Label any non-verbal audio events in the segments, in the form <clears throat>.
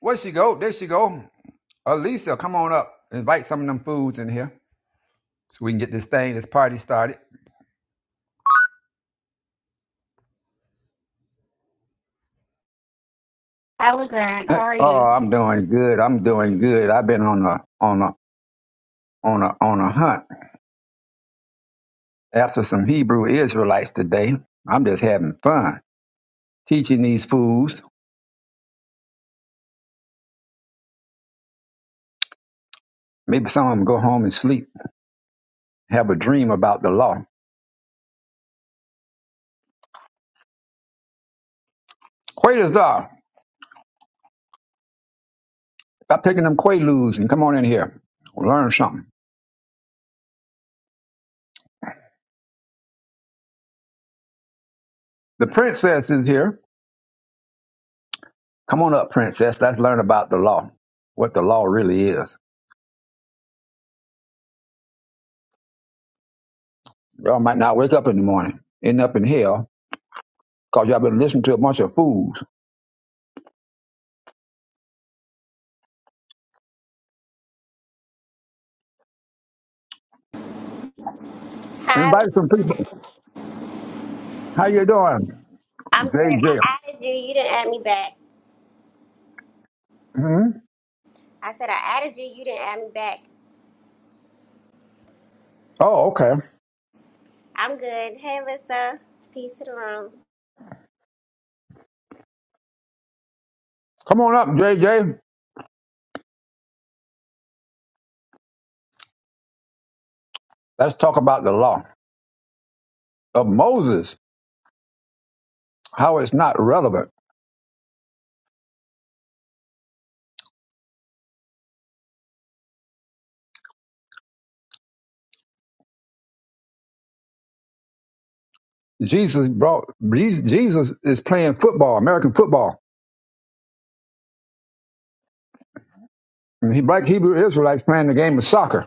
Where she go? There she go. Elisa. come on up. Invite some of them foods in here so we can get this thing, this party started. Hi, Grant. How Uh, are Oh, you? I'm doing good. I'm doing good. I've been on a on a on a on a hunt after some Hebrew Israelites today. I'm just having fun teaching these fools. Maybe some of them go home and sleep, have a dream about the law. Quaaludes are. Stop taking them quaaludes and come on in here. Learn something. The princess is here. Come on up, princess. Let's learn about the law, what the law really is. Y'all might not wake up in the morning, end up in hell, because y'all been listening to a bunch of fools. Hi, Invite some people. How you doing, I'm good. JJ? I added you. You didn't add me back. hmm I said I added you. You didn't add me back. Oh, okay. I'm good. Hey, Lisa. Peace to the room. Come on up, JJ. Let's talk about the law of Moses, how it's not relevant. Jesus brought Jesus is playing football, American football. And he black Hebrew Israelites playing the game of soccer.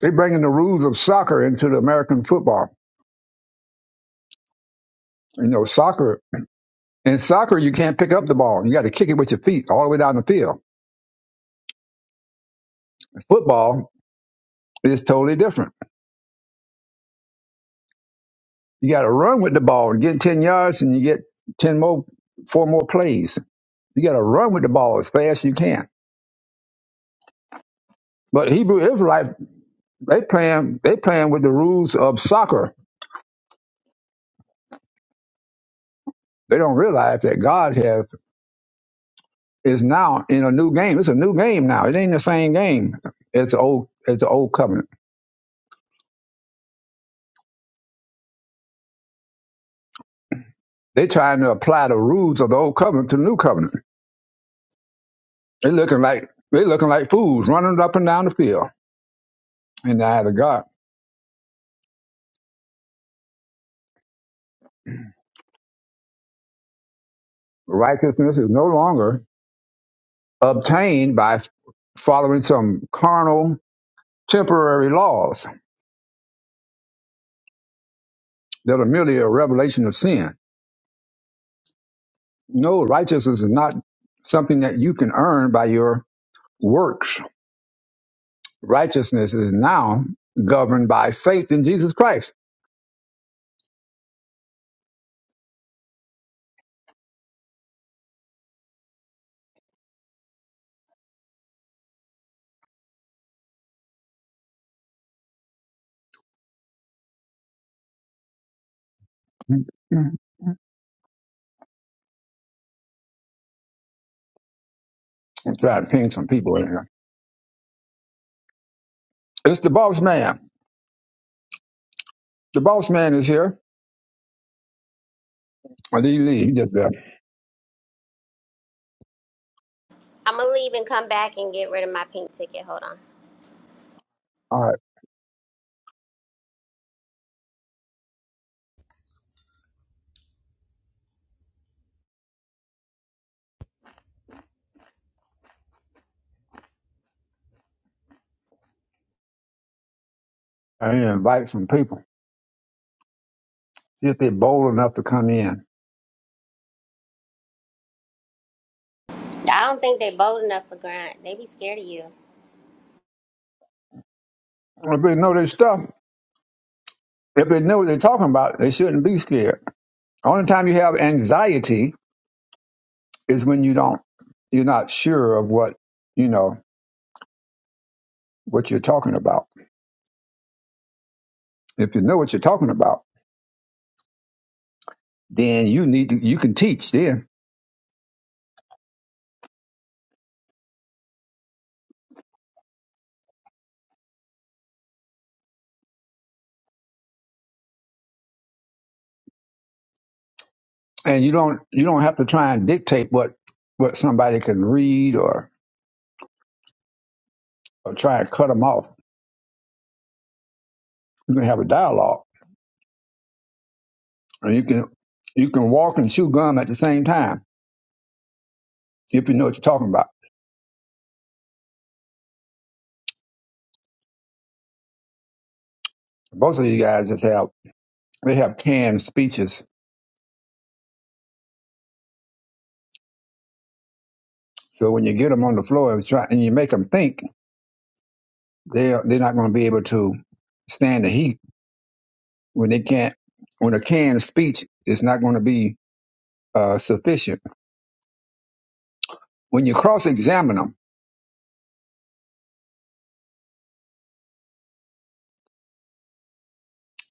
They bringing the rules of soccer into the American football. You know, soccer In soccer, you can't pick up the ball. You got to kick it with your feet all the way down the field. Football is totally different. You got to run with the ball and get 10 yards and you get 10 more, four more plays. You got to run with the ball as fast as you can. But Hebrew Israelite, they playing, they playing with the rules of soccer. They don't realize that God have is now in a new game. It's a new game now. It ain't the same game as the old, as the old covenant. They trying to apply the rules of the old covenant to the new covenant They looking like they looking like fools running up and down the field in the eye of the God. Righteousness is no longer obtained by following some carnal temporary laws that are merely a revelation of sin. No, righteousness is not something that you can earn by your works. Righteousness is now governed by faith in Jesus Christ. I'm trying to ping some people in here. It's the boss man. The boss man is here. I did he leave? He just left. I'm gonna leave and come back and get rid of my pink ticket. Hold on. I need to invite some people. See if they're bold enough to come in. I don't think they bold enough for grind. They be scared of you. If they know their stuff, if they know what they're talking about, they shouldn't be scared. Only time you have anxiety is when you don't, you're not sure of what you know what you're talking about. If you know what you're talking about, then you need to, you can teach then, and you don't you don't have to try and dictate what what somebody can read or, or try and cut them off. You can have a dialogue, and you can you can walk and chew gum at the same time if you know what you're talking about. Both of these guys just have they have canned speeches. So when you get them on the floor and try and you make them think, they are they're not going to be able to stand the heat when they can't. When a canned speech is not going to be uh, sufficient. When you cross-examine them,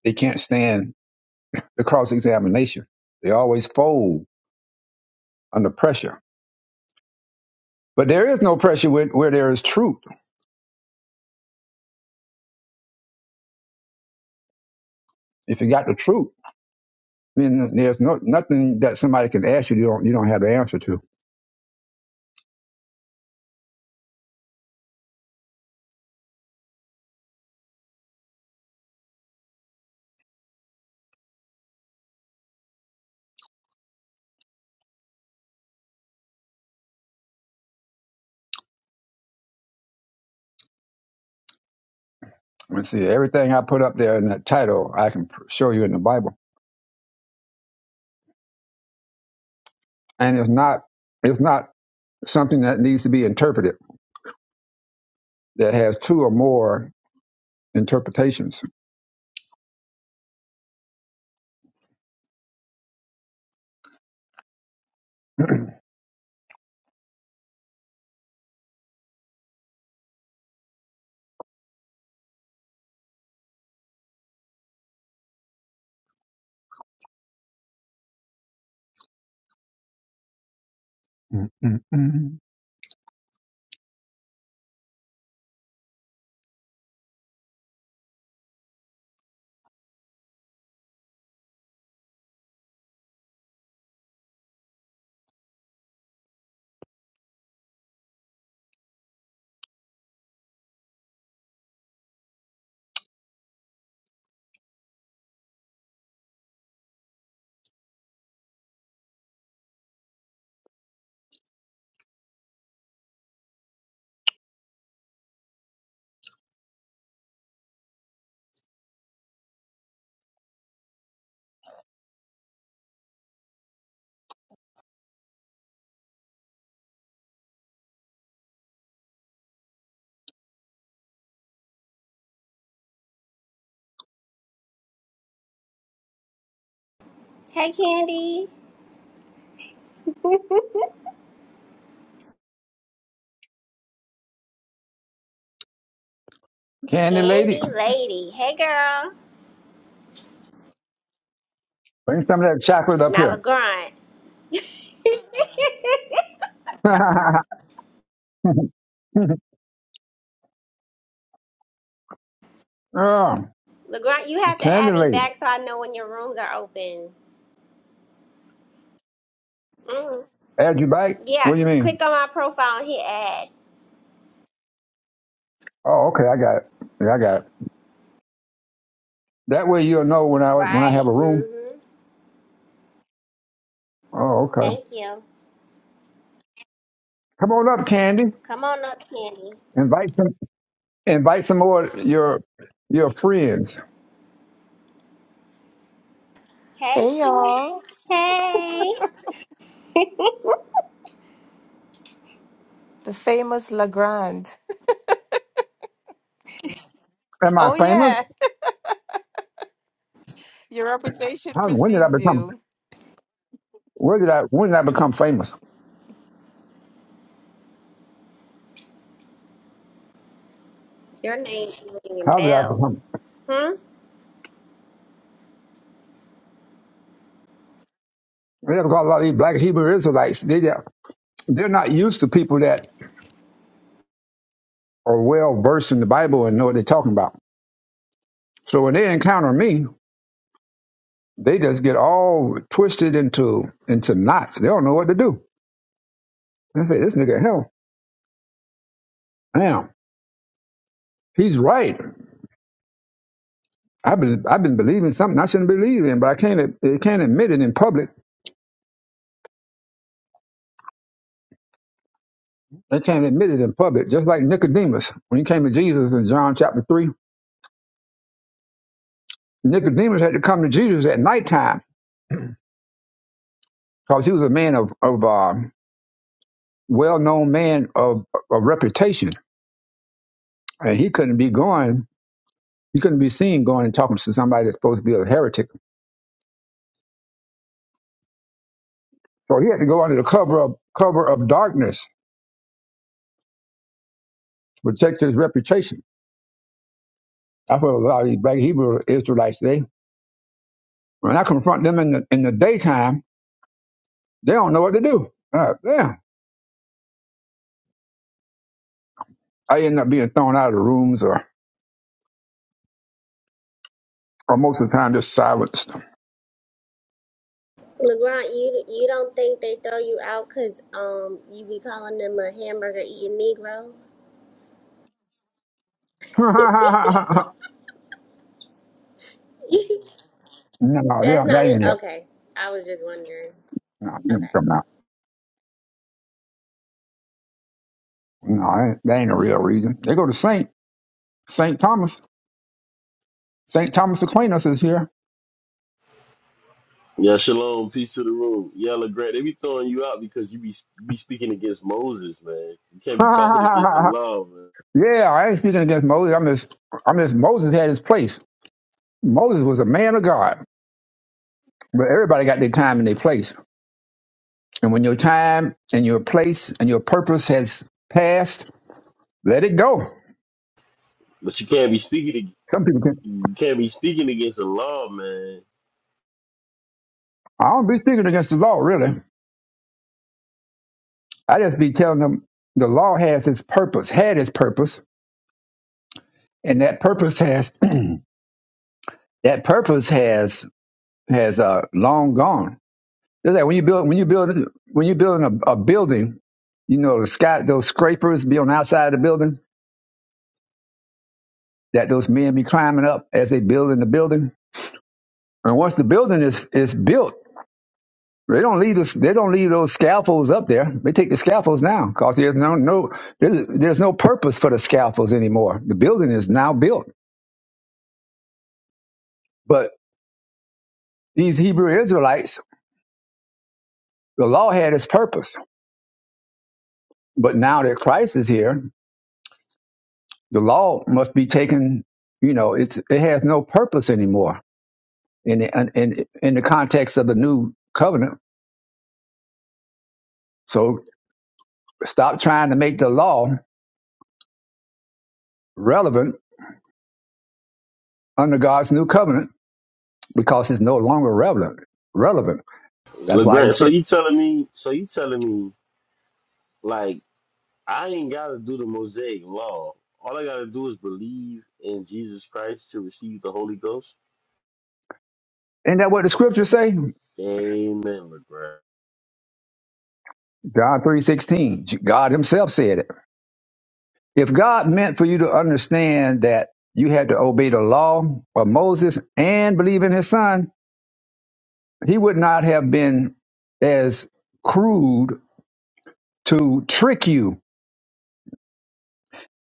they can't stand the cross-examination. They always fold under pressure. But there is no pressure where, where there is truth. If you got the truth, then there's no nothing that somebody can ask you you don't you don't have the answer to. Let's see, everything I put up there in that title, I can pr- show you in the Bible. And it's not, it's not something that needs to be interpreted, that has two or more interpretations. Mm, mm, mm. Hey, Candy. Candy lady, Candy lady. Hey, girl. bring some of that chocolate up Now, here. LeGrand. <laughs> oh, LeGrand, <laughs> you the have to candy add me lady. back so I know when your rooms are open. Mm. Add you back? Yeah, What do you mean? click on my profile and hit add. Oh, okay, I got it. Yeah, I got it. That way you'll know when I when I Right. have a room. Mm-hmm. Oh, okay. Thank you. Come on up, Candy. Come on up, Candy. Invite some invite some more of your your friends. Hey. Hey y'all, Hey. <laughs> the famous Legrand. Am I Oh famous? yeah, your reputation How, when did I precedes become? you. Where did I? When did I become famous? Your name's ringing How did I bells. become? Hmm? Yeah, because a lot of these black Hebrew Israelites, they they're not used to people that are well versed in the Bible and know what they're talking about. So when they encounter me, they just get all twisted into into knots. They don't know what to do. They say, "This nigga hell, damn, he's right. I've been I've been believing something I shouldn't believe in, but I can't they can't admit it in public. They can't admit it in public. Just like Nicodemus when he came to Jesus in John chapter three Nicodemus had to come to Jesus at nighttime because he was a man of, of uh, well-known man of, of reputation, and he couldn't be going. He couldn't be seen going and talking to somebody that's supposed to be a heretic. So he had to go under the cover of cover of darkness to protect his reputation. That's what a lot of these black Hebrew Israelites say. When I confront them in the in the daytime, they don't know what to do. Uh, yeah, I end up being thrown out of the rooms, or or most of the time just silenced. LeGrand, you you don't think they throw you out 'cause um you be calling them a hamburger eating Negro? <laughs> no, they <laughs> That's don't got not any it. of Okay, I was just wondering. Nah, you ain't Okay. coming out. No, that ain't a real reason. They go to Saint Saint Thomas. Saint Thomas Aquinas is here. Yeah, shalom, peace to the room. Yeah, LeGrand, they be throwing you out because you be you be speaking against Moses, man. You can't <laughs> be talking against the yeah, law, man. I ain't speaking against Moses. I'm just, I'm just. Moses had his place. Moses was a man of God, but everybody got their time and their place. And when your time and your place and your purpose has passed, let it go. But you can't be speaking Some people can. you can't be speaking against the law, man. I don't be speaking against the law, really. I just be telling them the law has its purpose, had its purpose, and that purpose has <clears throat> that purpose has has uh, long gone. It's like when you build when you build when you building a, a building, you know the sky those scrapers be on the outside of the building that those men be climbing up as they building the building. And once the building is is built, they don't leave this they don't leave those scaffolds up there. They take the scaffolds down because there's no no there's, there's no purpose for the scaffolds anymore. The building is now built. But these Hebrew Israelites, the law had its purpose. But now that Christ is here, the law must be taken. You know, it's it has no purpose anymore in the, in in the context of the new covenant. So stop trying to make the law relevant under God's new covenant because it's no longer relevant. Relevant. That's why. He LeGrand, so said, you telling me so you telling me like I ain't gotta do the Mosaic law. All I gotta do is believe in Jesus Christ to receive the Holy Ghost. isn't that what the scriptures say? Amen, LeGrand. John three sixteen. God Himself said it. If God meant for you to understand that you had to obey the law of Moses and believe in His Son, He would not have been as crude to trick you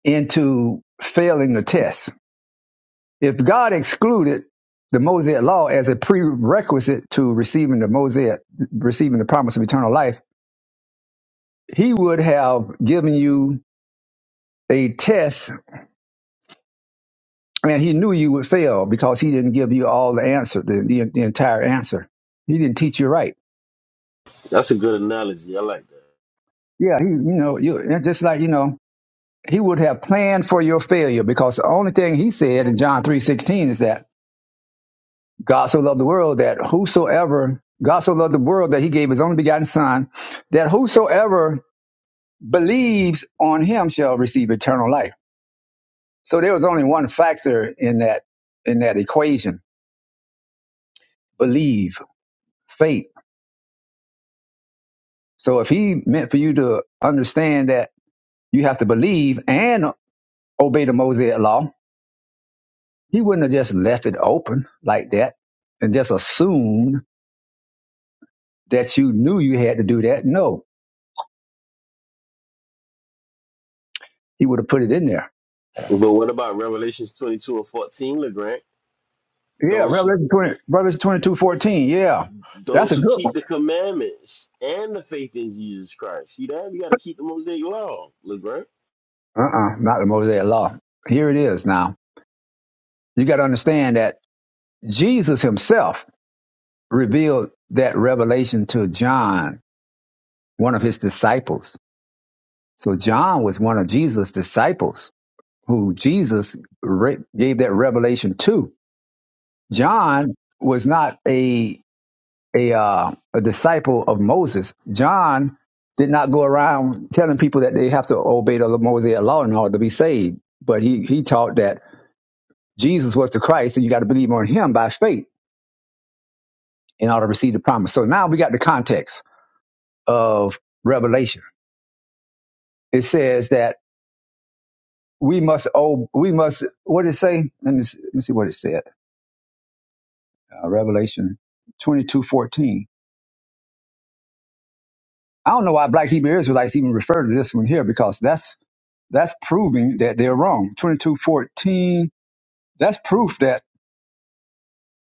into failing the test. If God excluded the Mosaic law as a prerequisite to receiving the Mosaic, receiving the promise of eternal life, he would have given you a test and he knew you would fail because he didn't give you all the answer, the, the, the entire answer. He didn't teach you right. That's a good analogy. I like that. Yeah, he, you know, you, and just like, you know, he would have planned for your failure because the only thing he said in John three sixteen is that God so loved the world that whosoever, God so loved the world that he gave his only begotten son, that whosoever believes on him shall receive eternal life. So there was only one factor in that, in that equation, believe, faith. So if he meant for you to understand that you have to believe and obey the Mosaic law, he wouldn't have just left it open like that and just assumed that you knew you had to do that. No, he would have put it in there But what about Revelations twenty two and fourteen, LeGrand? Yeah, Those Revelation 20, Revelation 22 14. Yeah, that's Those a who good keep one. the commandments and the faith in Jesus Christ. See that? You got to keep the Mosaic law, LeBron. Uh-uh, not the Mosaic Law. Here it is now. You got to understand that Jesus himself revealed that revelation to John, one of his disciples. So John was one of Jesus' disciples who Jesus re- gave that revelation to. John was not a a uh, a disciple of Moses. John did not go around telling people that they have to obey the Mosaic law in order to be saved, but he he taught that Jesus was the Christ, and you got to believe on Him by faith in order to receive the promise. So now we got the context of Revelation. It says that we must oh we must what did it say? Let me see, let me see what it said. Uh, Revelation twenty two fourteen. I don't know why black Hebrew Israelites even refer to this one here because that's That's proving that they're wrong. 2214, that's proof that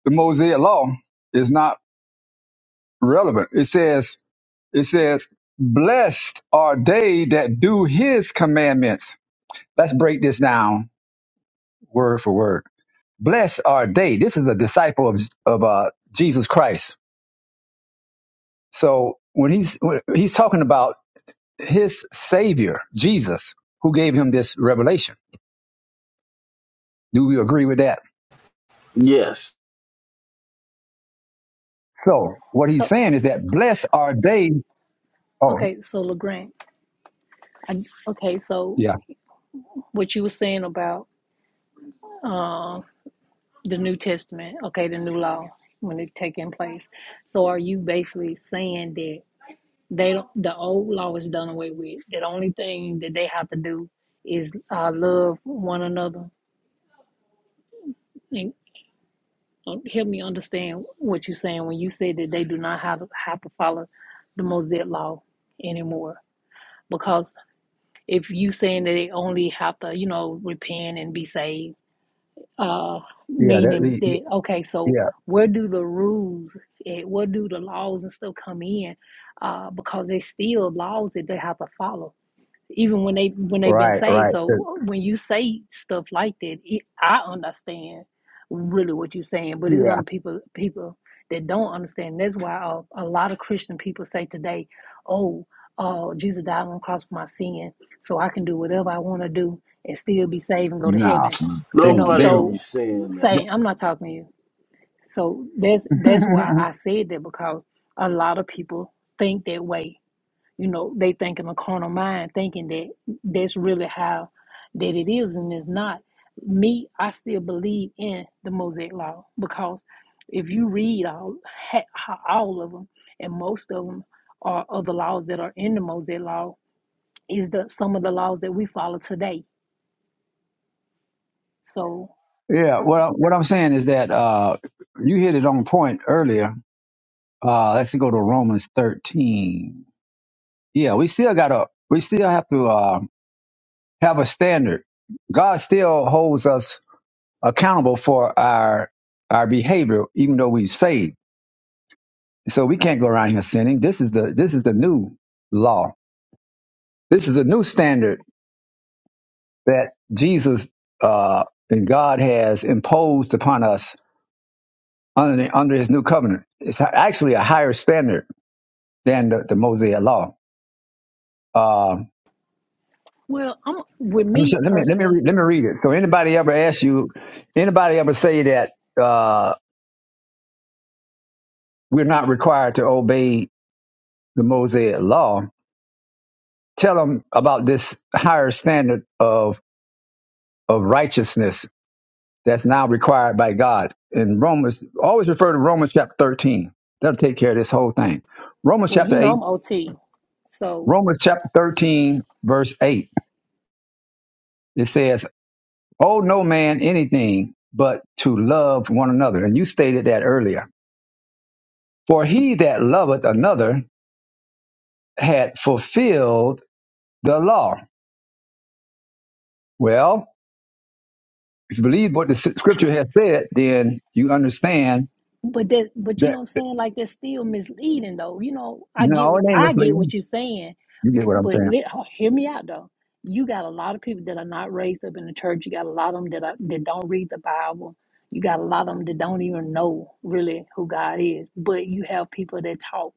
the Mosaic law is not relevant. It says, it says, blessed are they that do his commandments. Let's break this down word for word. Blessed are they. This is a disciple of, of uh, Jesus Christ. So when he's, when he's talking about his savior, Jesus, who gave him this revelation. Do we agree with that? Yes. So what he's So saying is that blessed are they. Oh, okay, so Legrand. I, okay, so Yeah. what you were saying about um the New Testament, okay, the new law when it's taking place. So are you basically saying that they don't the old law is done away with? That the only thing that they have to do is uh, love one another and um, help me understand what you're saying when you say that they do not have have to follow the Mosaic law anymore. Because if you saying that they only have to, you know, repent and be saved uh Yeah. That, meaning the- that okay so yeah. where do the rules eh, where do the laws and stuff come in uh because there's still laws that they have to follow even when they when they've been Right. saved. Right. That- So when you say stuff like that, it, I understand really what you're saying, but it's Yeah. gonna people people that don't understand. That's why a, a lot of Christian people say today, "Oh, uh, Jesus died on the cross for my sin, so I can do whatever I want to do and still be saved and go to No. heaven." You Then. know, Nobody Then. don't be so saying that. saying I'm not talking to you. So that's <laughs> that's why I said that because a lot of people think that way you know, they think in a carnal mind, thinking that that's really how that it is, and it's not. Me, I still believe in the Mosaic Law because if you read all all of them, and most of them are of the laws that are in the Mosaic Law, is the some of the laws that we follow today. So, yeah. What I, What I'm saying is that uh, you hit it on point earlier. Uh, let's go to Romans 13. Yeah. We still got to. We still have to uh, have a standard. God still holds us accountable for our our behavior, even though we saved. So we can't go around here sinning. This is the This is the new law. This is the new standard that Jesus uh, and God has imposed upon us under, the, under His new covenant. It's actually a higher standard than the, the Mosaic law. Uh, well, I'm with let me show, me let me let me read, personally. let me read it. So anybody ever ask you, anybody ever say that uh, we're not required to obey the Mosaic law? Tell them about this higher standard of of righteousness that's now required by God. And Romans, always refer to Romans chapter 13. That'll take care of this whole thing. Romans Well, you chapter know, 8, I'm OT, so. Romans chapter 13, verse 8. It says, Owe no man anything but to love one another. And you stated that earlier. For he that loveth another had fulfilled the law. Well, if you believe what the s- scripture has said, then you understand But that, but you know that, what I'm saying? Like that's still misleading, though. You know, I get no, what it ain't I get what misleading. you're saying, You but, get what I'm but saying. let, oh, hear me out though. You got a lot of people that are not raised up in the church. You got a lot of them that are, that don't read the Bible. You got a lot of them that don't even know really who God is. But you have people that talk.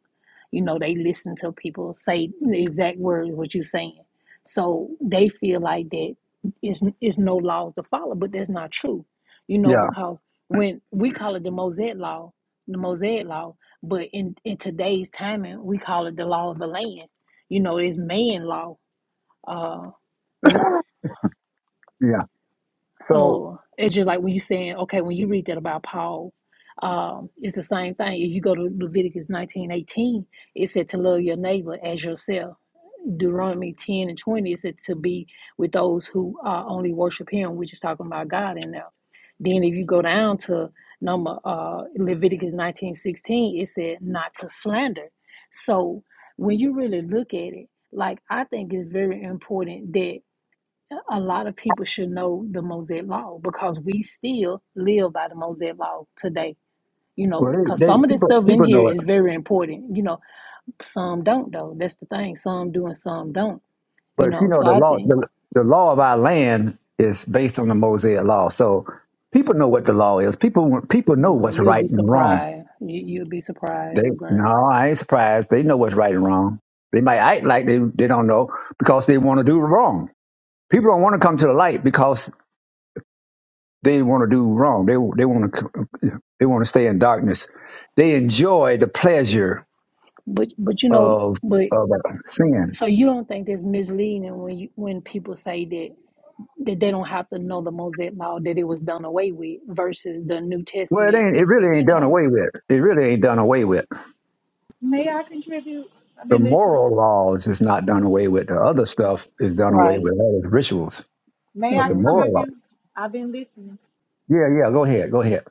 You know, they listen to people say the exact words what you're saying, so they feel like that it's it's no laws to follow. But that's not true. You know, Yeah, because when we call it the Mosaic law, the Mosaic law, but in, in today's timing, we call it the law of the land. You know, it's man law. Uh, w- yeah. So. uh, it's just like when you saying, okay, when you read that about Paul, um, it's the same thing. If you go to Leviticus nineteen eighteen, it said to love your neighbor as yourself. Deuteronomy 10 and 20, it said to be with those who uh, only worship him. We're just talking about God in there. Then if you go down to number uh, Leviticus 19 16, it said not to slander. So when you really look at it, like I think it's very important that a lot of people should know the Mosaic Law because we still live by the Mosaic Law today. You Well, know, because they, they some of this people stuff in people here know it, is very important. You know, some don't though. That's the thing. Some do and some don't you but you know, know so the I law think the, the law of our land is based on the Mosaic law. So people know what the law is. People people you know know what's you'll right be and wrong. surprised. You, you'll be surprised, They Legrand. no, I ain't surprised. They know what's right and wrong. They might act like they they don't know because they want to do wrong. People don't want to come to the light because they want to do wrong. They they want to they want to stay in darkness. They enjoy the pleasure But but you know, of but of uh, sin. so you don't think that's misleading when you when people say that that they don't have to know the Mosaic law that it was done away with versus the New Well, it Testament. ain't. It really ain't You done know, away with. It really ain't done away with. May I contribute? I've The been listening. moral laws is not done away with. The other stuff is done away right? with. That is rituals. May I But the hmm moral law. contribute? I've been listening. Yeah, yeah. Go ahead. Go ahead.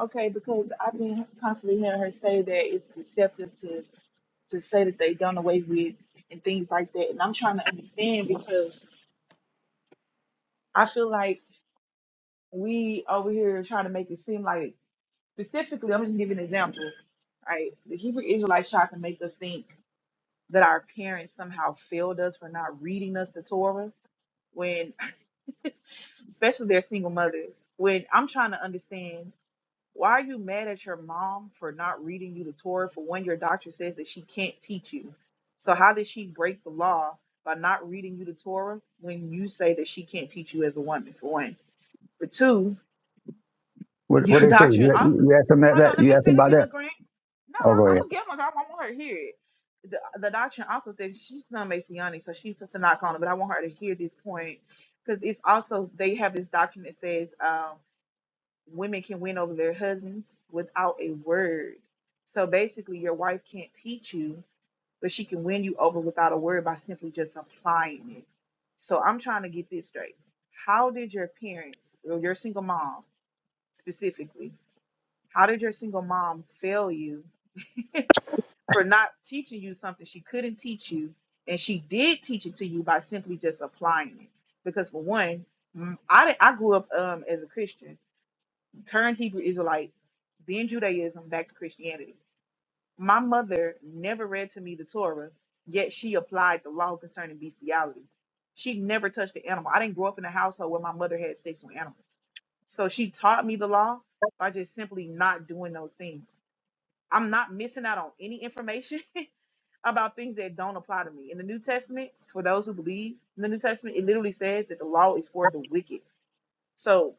Okay, because I've been constantly hearing her say that it's deceptive to to say that they have done away with and things like that. And I'm trying to understand because I feel like we over here trying to make it seem like specifically, I'm just giving an example, right? The Hebrew Israelites tried to make us think that our parents somehow failed us for not reading us the Torah when <laughs> especially their single mothers, when I'm trying to understand Why are you mad at your mom for not reading you the Torah for when your doctor says that she can't teach you? So how did she break the law by not reading you the Torah when you say that she can't teach you as a woman? For one, for two, <laughs> What What your they say? doctrine You, also. you asked them that, Hold on, that. let You me asked them finish about it, that. Legrand. No, Oh, go no, I'm ahead. gonna get my God. I want her to hear it. The, the doctrine also says she's not Messianic, so she's just a knock on it. but I want her to hear this point because it's also they have this doctrine that says. um women can win over their husbands without a word. So basically, your wife can't teach you, but she can win you over without a word by simply just applying it. So I'm trying to get this straight. How did your parents, or your single mom specifically, how did your single mom fail you <laughs> for not teaching you something she couldn't teach you? And she did teach it to you by simply just applying it. Because, for one, mm, I, di- I grew up um, as a Christian turned Hebrew Israelite, then Judaism, back to Christianity. My mother never read to me the Torah, yet she applied the law concerning bestiality. She never touched the animal. I didn't grow up in a household where my mother had sex with animals. So she taught me the law by just simply not doing those things. I'm not missing out on any information <laughs> about things that don't apply to me. In the New Testament, for those who believe in the New Testament, it literally says that the law is for the wicked. So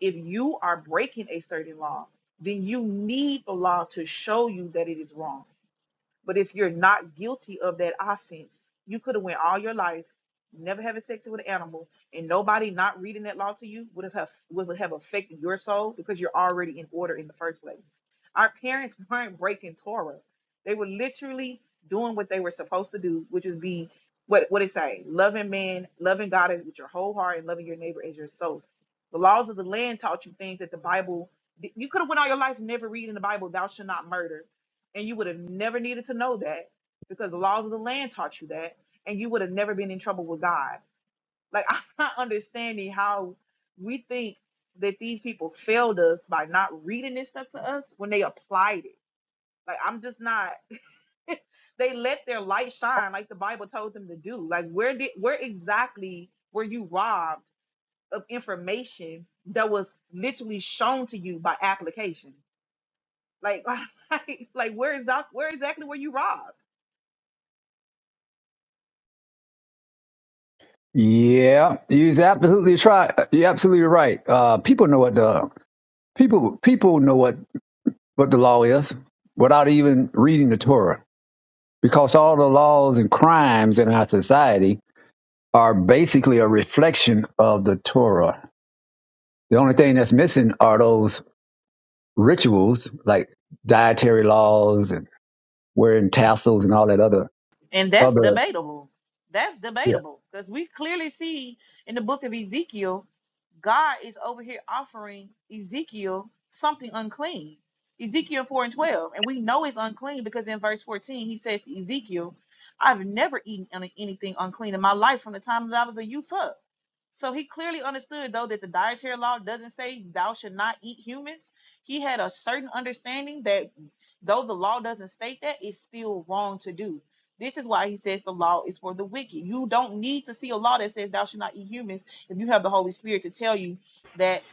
if you are breaking a certain law, then you need the law to show you that it is wrong. But if you're not guilty of that offense, you could have went all your life never having sex with an animal, and nobody not reading that law to you would have have- would have affected your soul because you're already in order in the first place. Our parents <laughs> weren't breaking Torah; they were literally doing what they were supposed to do, which is be what what it say, loving man, loving God with your whole heart, and loving your neighbor as yourself. The laws of the land taught you things that the Bible you could have went all your life never reading the Bible. Thou shall not murder and you would have never needed to know that because the laws of the land taught you that and you would have never been in trouble with god like <laughs> i'm not understanding how we think that these people failed us by not reading this stuff to us when they applied it like i'm just not <laughs> they let their light shine like the bible told them to do like where did where exactly were you robbed of information that was literally shown to you by application like <laughs> like, like where is that where exactly were you robbed Yeah, you're absolutely try. You're absolutely right. Uh, people know what the people people know what what the law is without even reading the Torah, because all the laws and crimes in our society are basically a reflection of the Torah. The only thing that's missing are those rituals, like dietary laws and wearing tassels and all that other And that's other. debatable. That's Yeah. debatable because we clearly see in the book of Ezekiel God is over here offering Ezekiel something unclean. Ezekiel 4 and 12. And we know it's unclean because in verse 14 he says to Ezekiel, I've never eaten any- anything unclean in my life from the time that I was a youth up. So he clearly understood, though, that the dietary law doesn't say thou should not eat humans. He had a certain understanding that though the law doesn't state that, it's still wrong to do. This is why he says the law is for the wicked. You don't need to see a law that says thou should not eat humans if you have the Holy Spirit to tell you that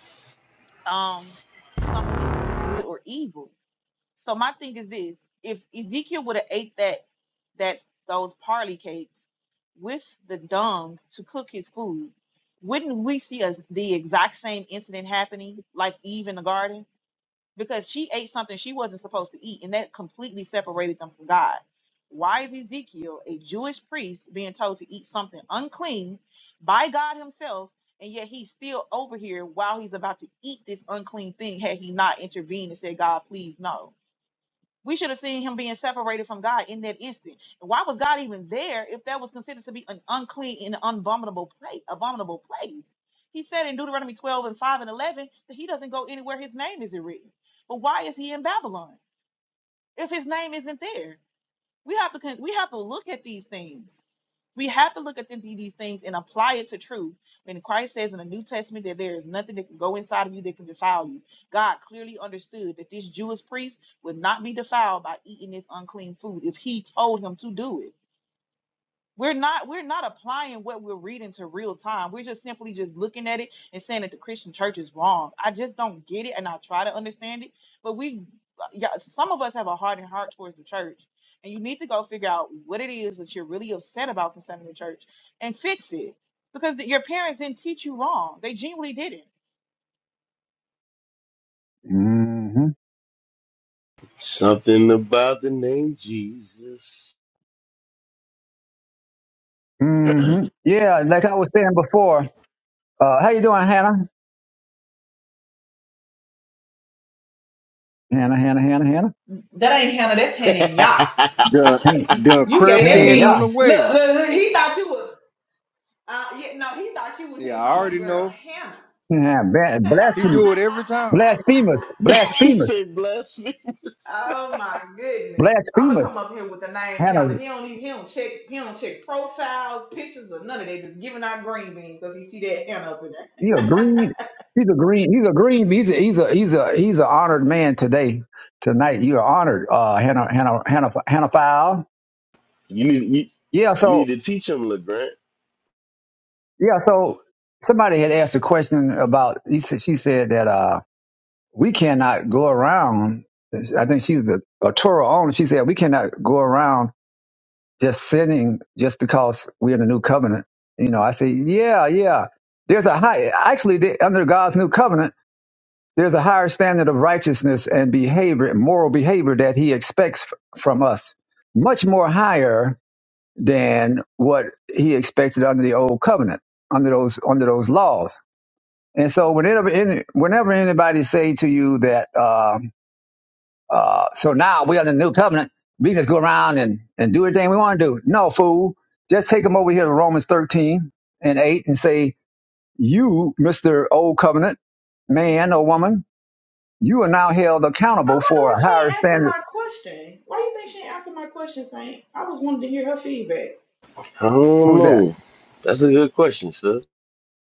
um something is is good or evil. So my thing is this: if Ezekiel would have ate that that those parley cakes with the dung to cook his food, wouldn't we see us the exact same incident happening, like Eve in the garden? because she ate something she wasn't supposed to eat, and that completely separated them from God. Why is Ezekiel, a Jewish priest, being told to eat something unclean by God Himself, and yet he's still over here while he's about to eat this unclean thing? Had he not intervened and said, God, please, no we should have seen him being separated from God in that instant. And why was God even there if that was considered to be an unclean and abominable place? Abominable place. He said in Deuteronomy 12 and 5 and 11 that he doesn't go anywhere his name isn't written. But why is he in Babylon if his name isn't there? We have to con- we have to look at these things. We have to look at the- these things and apply it to truth. When Christ says in the New Testament that there is nothing that can go inside of you that can defile you, God clearly understood that this Jewish priest would not be defiled by eating this unclean food if he told him to do it we're not we're not applying what we're reading to real time we're just simply just looking at it and saying that the christian church is wrong i just don't get it and i try to understand it but we uh, yeah some of us have a hardened heart towards the church and you need to go figure out what it is that you're really upset about concerning the church and fix it because th- your parents didn't teach you wrong they genuinely didn't hmm Something about the name Jesus. hmm Yeah. Like I was saying before. Uh, how you doing, Hannah? Hannah, Hannah, Hannah, Hannah, That ain't Hannah. That's <laughs> he Hannah and y'all. Done, Hannah, You, done you gave crept that in Hannah. B. Look, unawares. look, look, he thought you was. Uh, yeah, no, he thought she was Yeah, his I already homegirl, know. Hannah. Yeah. yeah. <laughs> He Blasphemous, do it every time. blasphemous, blasphemous, said blasphemous. oh my goodness. I'm gonna come blasphemous. up here with the name Hannah Hannah. He don't even he don't check he don't check profiles, pictures, or none of that. Just giving out green beans because he see that Hannah up in there. He a green. <laughs> I He's a green. He's a green. He's a he's a he's a he's an honored man today. Tonight you are honored, uh, Hannah Hannah Hannah Hannah File. You need you, Yeah. you need So to teach him, LeGrant. yeah. So somebody had asked a question about. He said, she said that uh, we cannot go around. I think she's a, a Torah owner. She said we cannot go around just sinning just because we're in the new covenant. You know. I say yeah, yeah. There's a high. Actually, they, under God's new covenant There's a higher standard of righteousness and behavior, moral behavior that he expects f- from us, much more higher than what he expected under the old covenant, under those under those laws. And so whenever any, whenever anybody say to you that, uh, uh, so now we're under the new covenant, we can just go around and, and do everything we want to do. No, fool. Just take them over here to Romans 13 and 8 and say, you, Mr. Old Covenant man or woman, you are now held accountable wonder for why a she ain't higher answered standard. my question. Why you think she ain't answered my question, Saint? I was wanting to hear her feedback. I don't Who's that? know. That's a good question, sir.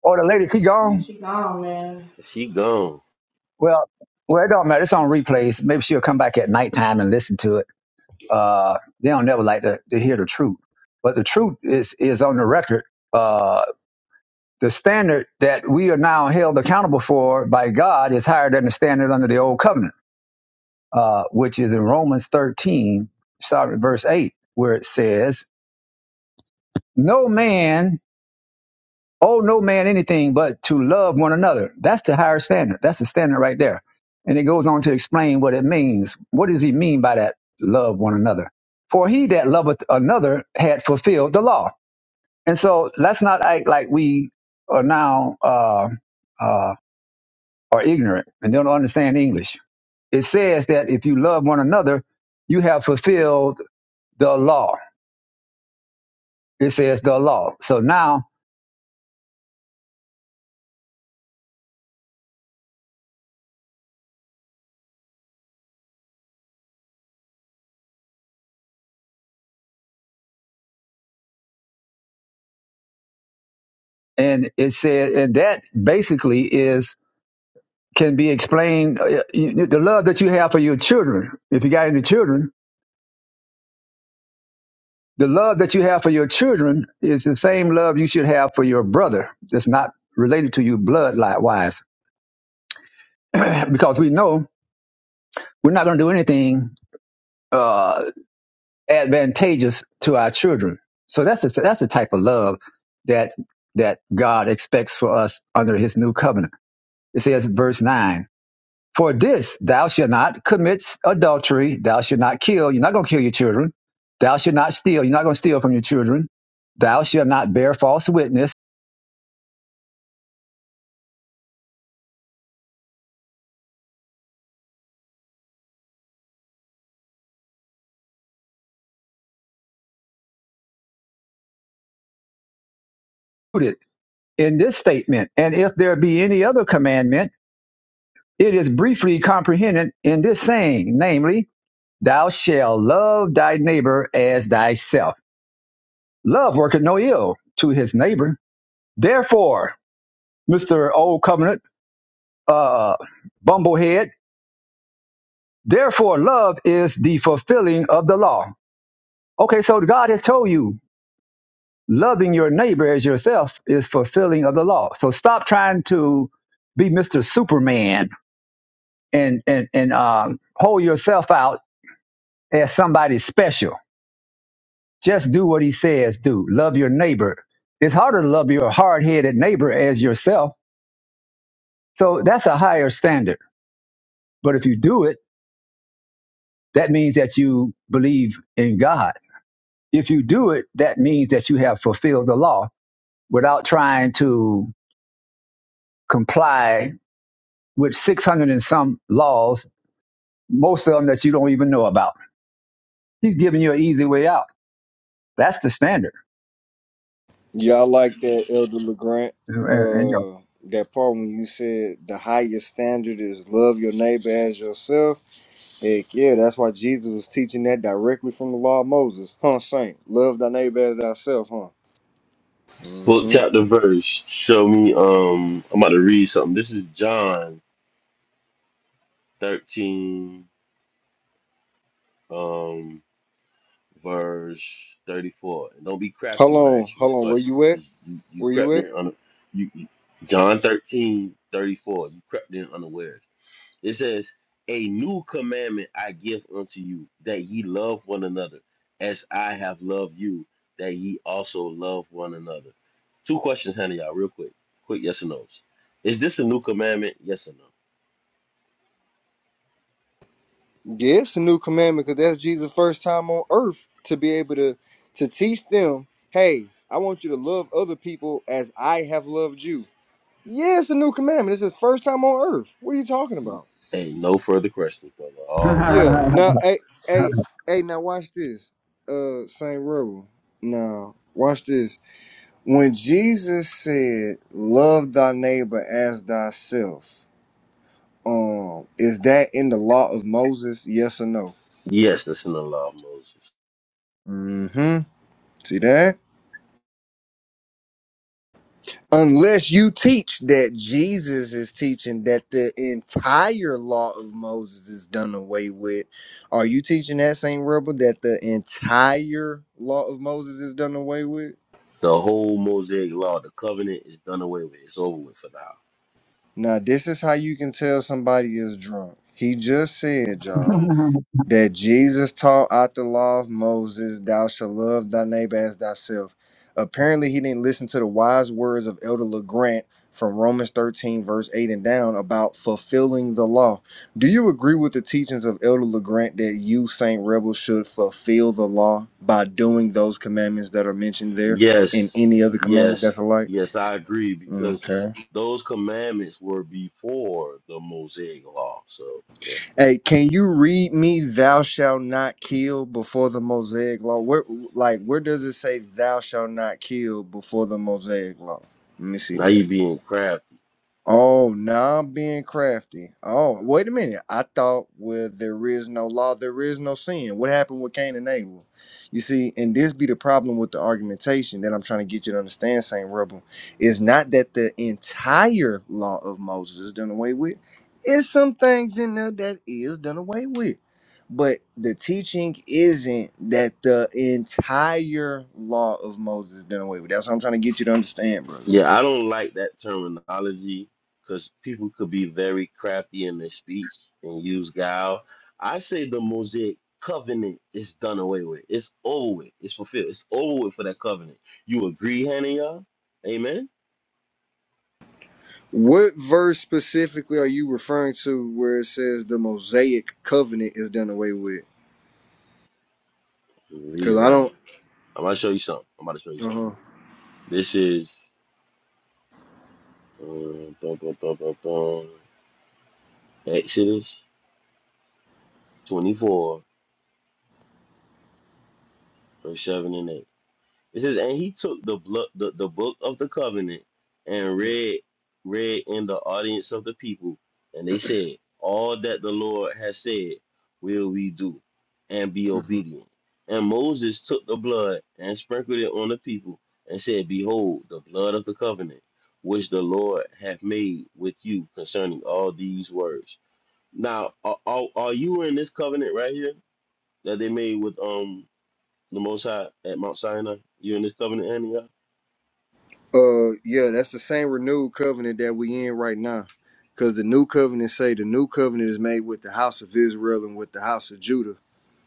Oh, the lady, she Man, gone? she gone, man. He gone. Well, well, it don't matter. It's on replays. Maybe she'll come back at nighttime and listen to it. Uh, they don't never like to, to hear the truth. But the truth is, is on the record. Uh, the standard that we are now held accountable for by God is higher than the standard under the old covenant, uh, which is in Romans 13, starting at verse 8, where it says, No man Oh, no man anything but to love one another. That's the higher standard. That's the standard right there. And it goes on to explain what it means. What does he mean by that? Love one another. For he that loveth another had fulfilled the law. And so let's not act like we are now uh, uh, are ignorant and don't understand English. It says that if you love one another, you have fulfilled the law. It says the law. So now, and it said, and that basically is can be explained. uh, you- The love that you have for your children, if you got any children, the love that you have for your children is the same love you should have for your brother that's not related to you bloodline wise. <clears throat> because we know we're not going to do anything uh, advantageous to our children. So that's the, that's the type of love that that God expects for us under his new covenant. It says in verse 9. For this, thou shalt not commit adultery. Thou shalt not kill. You're not going to kill your children. Thou shalt not steal. You're not going to steal from your children. Thou shalt not bear false witness. In this statement, and if there be any other commandment, it is briefly comprehended in this saying, namely, thou shalt love thy neighbor as thyself. Love worketh no ill to his neighbor. Therefore, Mr. Old Covenant, uh, bumblehead, Therefore, love is the fulfilling of the law. Okay, so God has told you loving your neighbor as yourself is fulfilling of the law. So stop trying to be Mr. Superman and and and um, hold yourself out as somebody special. Just do what He says. Do love your neighbor. It's harder to love your hard-headed neighbor as yourself. So that's a higher standard. But if you do it, that means that you believe in God. If you do it, that means that you have fulfilled the law without trying to comply with 600 and some laws, most of them that you don't even know about. He's giving you an easy way out. That's the standard. Yeah, I like that, Elder LeGrant. And, and, you Uh, that part when you said the highest standard is love your neighbor as yourself. Heck yeah, that's why Jesus was teaching that directly from the law of Moses. Huh, Saint? Love thy neighbor as thyself, huh? Book Mm-hmm. chapter verse. Show me. Um, I'm about to read something. This is John 13. um, verse 34. And don't be crafty Hold when I on, ask you this hold on. Where question, you at? because you, you Where you crept at? in on you, you- John 13 34. You crept in unawares. It says, A new commandment I give unto you, that ye love one another, as I have loved you, that ye also love one another. Two questions, honey, y'all, real quick. Quick yes or no's. Is this a new commandment? Yes or Yeah, it's a new commandment because that's Jesus' first time on earth to be able to to teach them, hey, I want you to love other people as I have loved you. Yeah, it's a new commandment. It's his first time on earth. What are you talking no? about? Hey, no further questions, brother. know, <laughs> All Yeah. Now, hey, hey, hey, now watch this. Uh Saint Rebel. Now, watch this. When Jesus said, Love thy neighbor as thyself, um, is that in the law of Moses? Yes or no? yes, that's in the law of Moses. Mm-hmm. See that? Unless you teach that Jesus is teaching that the entire law of Moses is done away with, are you teaching that same rebel that the entire law of Moses is done away with? The whole Mosaic law, the covenant is done away with. It's over with for now. Now, this is how you can tell somebody is drunk. He just said, let, y'all. me, that Jesus taught out the law of Moses, thou shalt love thy neighbor as thyself. Apparently, he didn't listen to the wise words of Elder LeGrant from Romans 13, verse 8 and down about fulfilling the law. Do you agree with the teachings of Elder LeGrant that you, Saint Rebel, should fulfill the law by doing those commandments that are mentioned there and Yes, any other commandment that's yes, alike? yes, I agree because Okay. those commandments were before the Mosaic law. So, yeah, Hey, can you read me "Thou shalt not kill" before the Mosaic law? Where, like, where does it say "Thou shalt not kill" before the Mosaic law? Let me see now that. you're being crafty. Oh, now I'm being crafty. Oh, wait a minute. I thought where there is no law, there is no sin. What happened with Cain and Abel? You see, and this be the problem with the argumentation that I'm trying to get you to understand, Saint Rebel, is not that the entire law of Moses is done away with. It's some things in there that is done away with. But the teaching isn't that the entire law of Moses is done away with. That's what I'm trying to get you to understand, brother. Yeah, I don't like that terminology because people could be very crafty in their speech and use guile. I say the Mosaic covenant is done away with. It's over with. It's fulfilled. It's over with for that covenant. You agree, Hannah? Amen. What verse specifically are you referring to where it says the Mosaic covenant is done away with? Read Because it I right here. don't. I'm about to show you something. I'm about to show you something. Uh This is um, bum, bum, bum, bum, bum. Exodus 24, verse 7 and 8. It says, and he took the, blo- the the book of the covenant and huh. read read in the audience of the people, and they said, All that the Lord has said will we do, and be Mhm. obedient. And Moses took the blood and sprinkled it on the people, and said, Behold, the blood of the covenant, which the Lord hath made with you concerning all these words. Now, are, are, are you in this covenant right here that they made with um the Most High at Mount Sinai? You in this covenant, Antioch? Uh yeah, that's the same renewed covenant that we in right now. Because the new covenant say the new covenant is made with the house of Israel and with the house of Judah.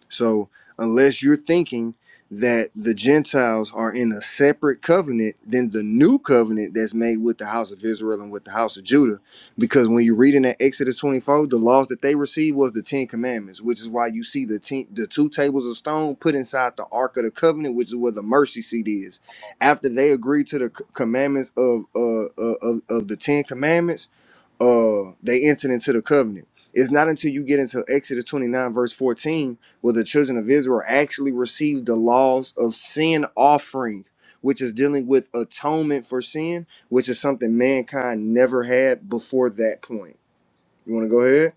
So unless you're thinking that the Gentiles are in a separate covenant than the new covenant that's made with the house of Israel and with the house of Judah, because when you read in that Exodus 24, the laws that they received was the Ten Commandments, which is why you see the ten, the two tables of stone put inside the Ark of the Covenant, which is where the mercy seat is. After they agreed to the c- commandments of uh, uh of, of the Ten Commandments uh they entered into the covenant. It's not until you get into Exodus 29 verse 14 where the children of Israel actually received the laws of sin offering, which is dealing with atonement for sin, which is something mankind never had before that point. You want to go ahead?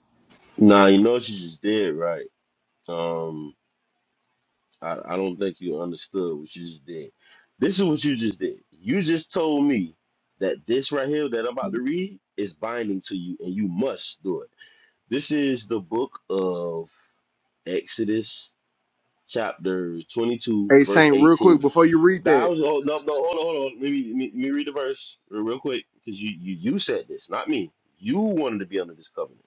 Nah, you know what you just did, right? Um, I, I don't think you understood what you just did. This is what you just did. You just told me that this right here that I'm about to read is binding to you, and you must do it. This is the book of Exodus chapter 22, Hey verse Saint, real quick 18. before you read that. Thou, oh, no, no, hold on, hold on. Let me, let me, let me read the verse real quick because you, you, you said this, not me. You wanted to be under this covenant.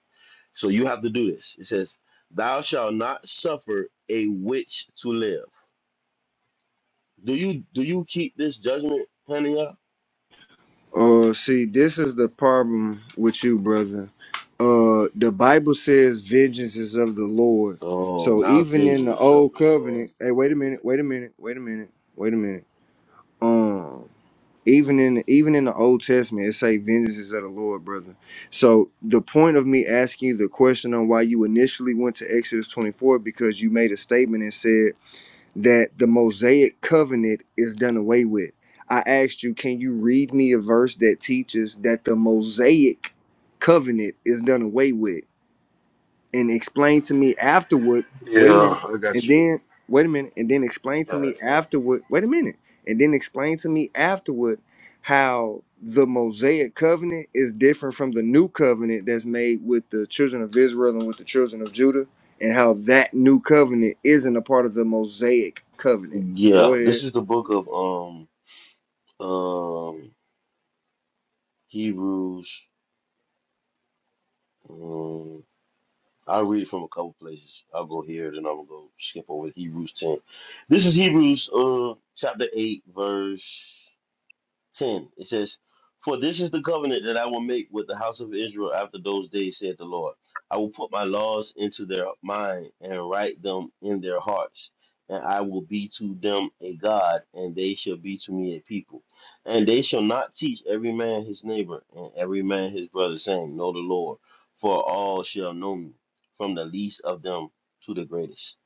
So you have to do this. It says, Thou shalt not suffer a witch to live. Do you do you keep this judgment, honey? Uh, see, this is the problem with you, brother. Uh, the Bible says vengeance is of the Lord. Oh, So now even in the vengeance of old the Lord. covenant, hey, wait a minute, wait a minute, wait a minute, wait a minute. Um, even in even in the Old Testament, it say vengeance is of the Lord, brother. So the point of me asking you the question on why you initially went to Exodus twenty four because you made a statement and said that the Mosaic covenant is done away with. I asked you, can you read me a verse that teaches that the Mosaic covenant is done away with? and explain to me afterward. Yeah, Wait a minute, I got and you. then wait a minute, and then explain to All right. me afterward. Wait a minute, and then explain to me afterward how the Mosaic covenant is different from the new covenant that's made with the children of Israel and with the children of Judah, and how that new covenant isn't a part of the Mosaic covenant. Go Yeah, this ahead. is the book of um um Hebrews. um, I'll read from a couple places. I'll go here, then I'm gonna go skip over to Hebrews 10. This is Hebrews uh chapter 8, verse 10. It says, For this is the covenant that I will make with the house of Israel after those days, said the Lord. I will put my laws into their mind and write them in their hearts. And I will be to them a God, and they shall be to me a people. And they shall not teach every man his neighbor and every man his brother, saying, Know the Lord, for all shall know me, from the least of them to the greatest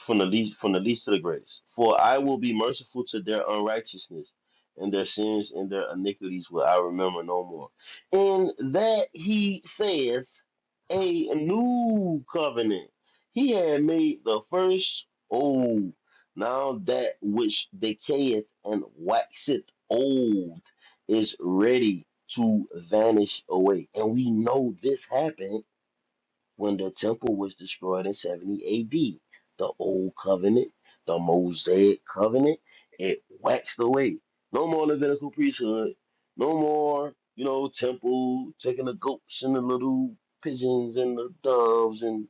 from the least from the least to the greatest. For I will be merciful to their unrighteousness, and their sins and their iniquities will I remember no more. And that he saith a new covenant. He had made the first old. Now that which decayeth and waxeth old is ready to vanish away. And we know this happened when the temple was destroyed in 70 AD. The old covenant, the Mosaic covenant, it waxed away. No more Levitical priesthood, no more, you know, temple taking the goats and the little pigeons and the doves and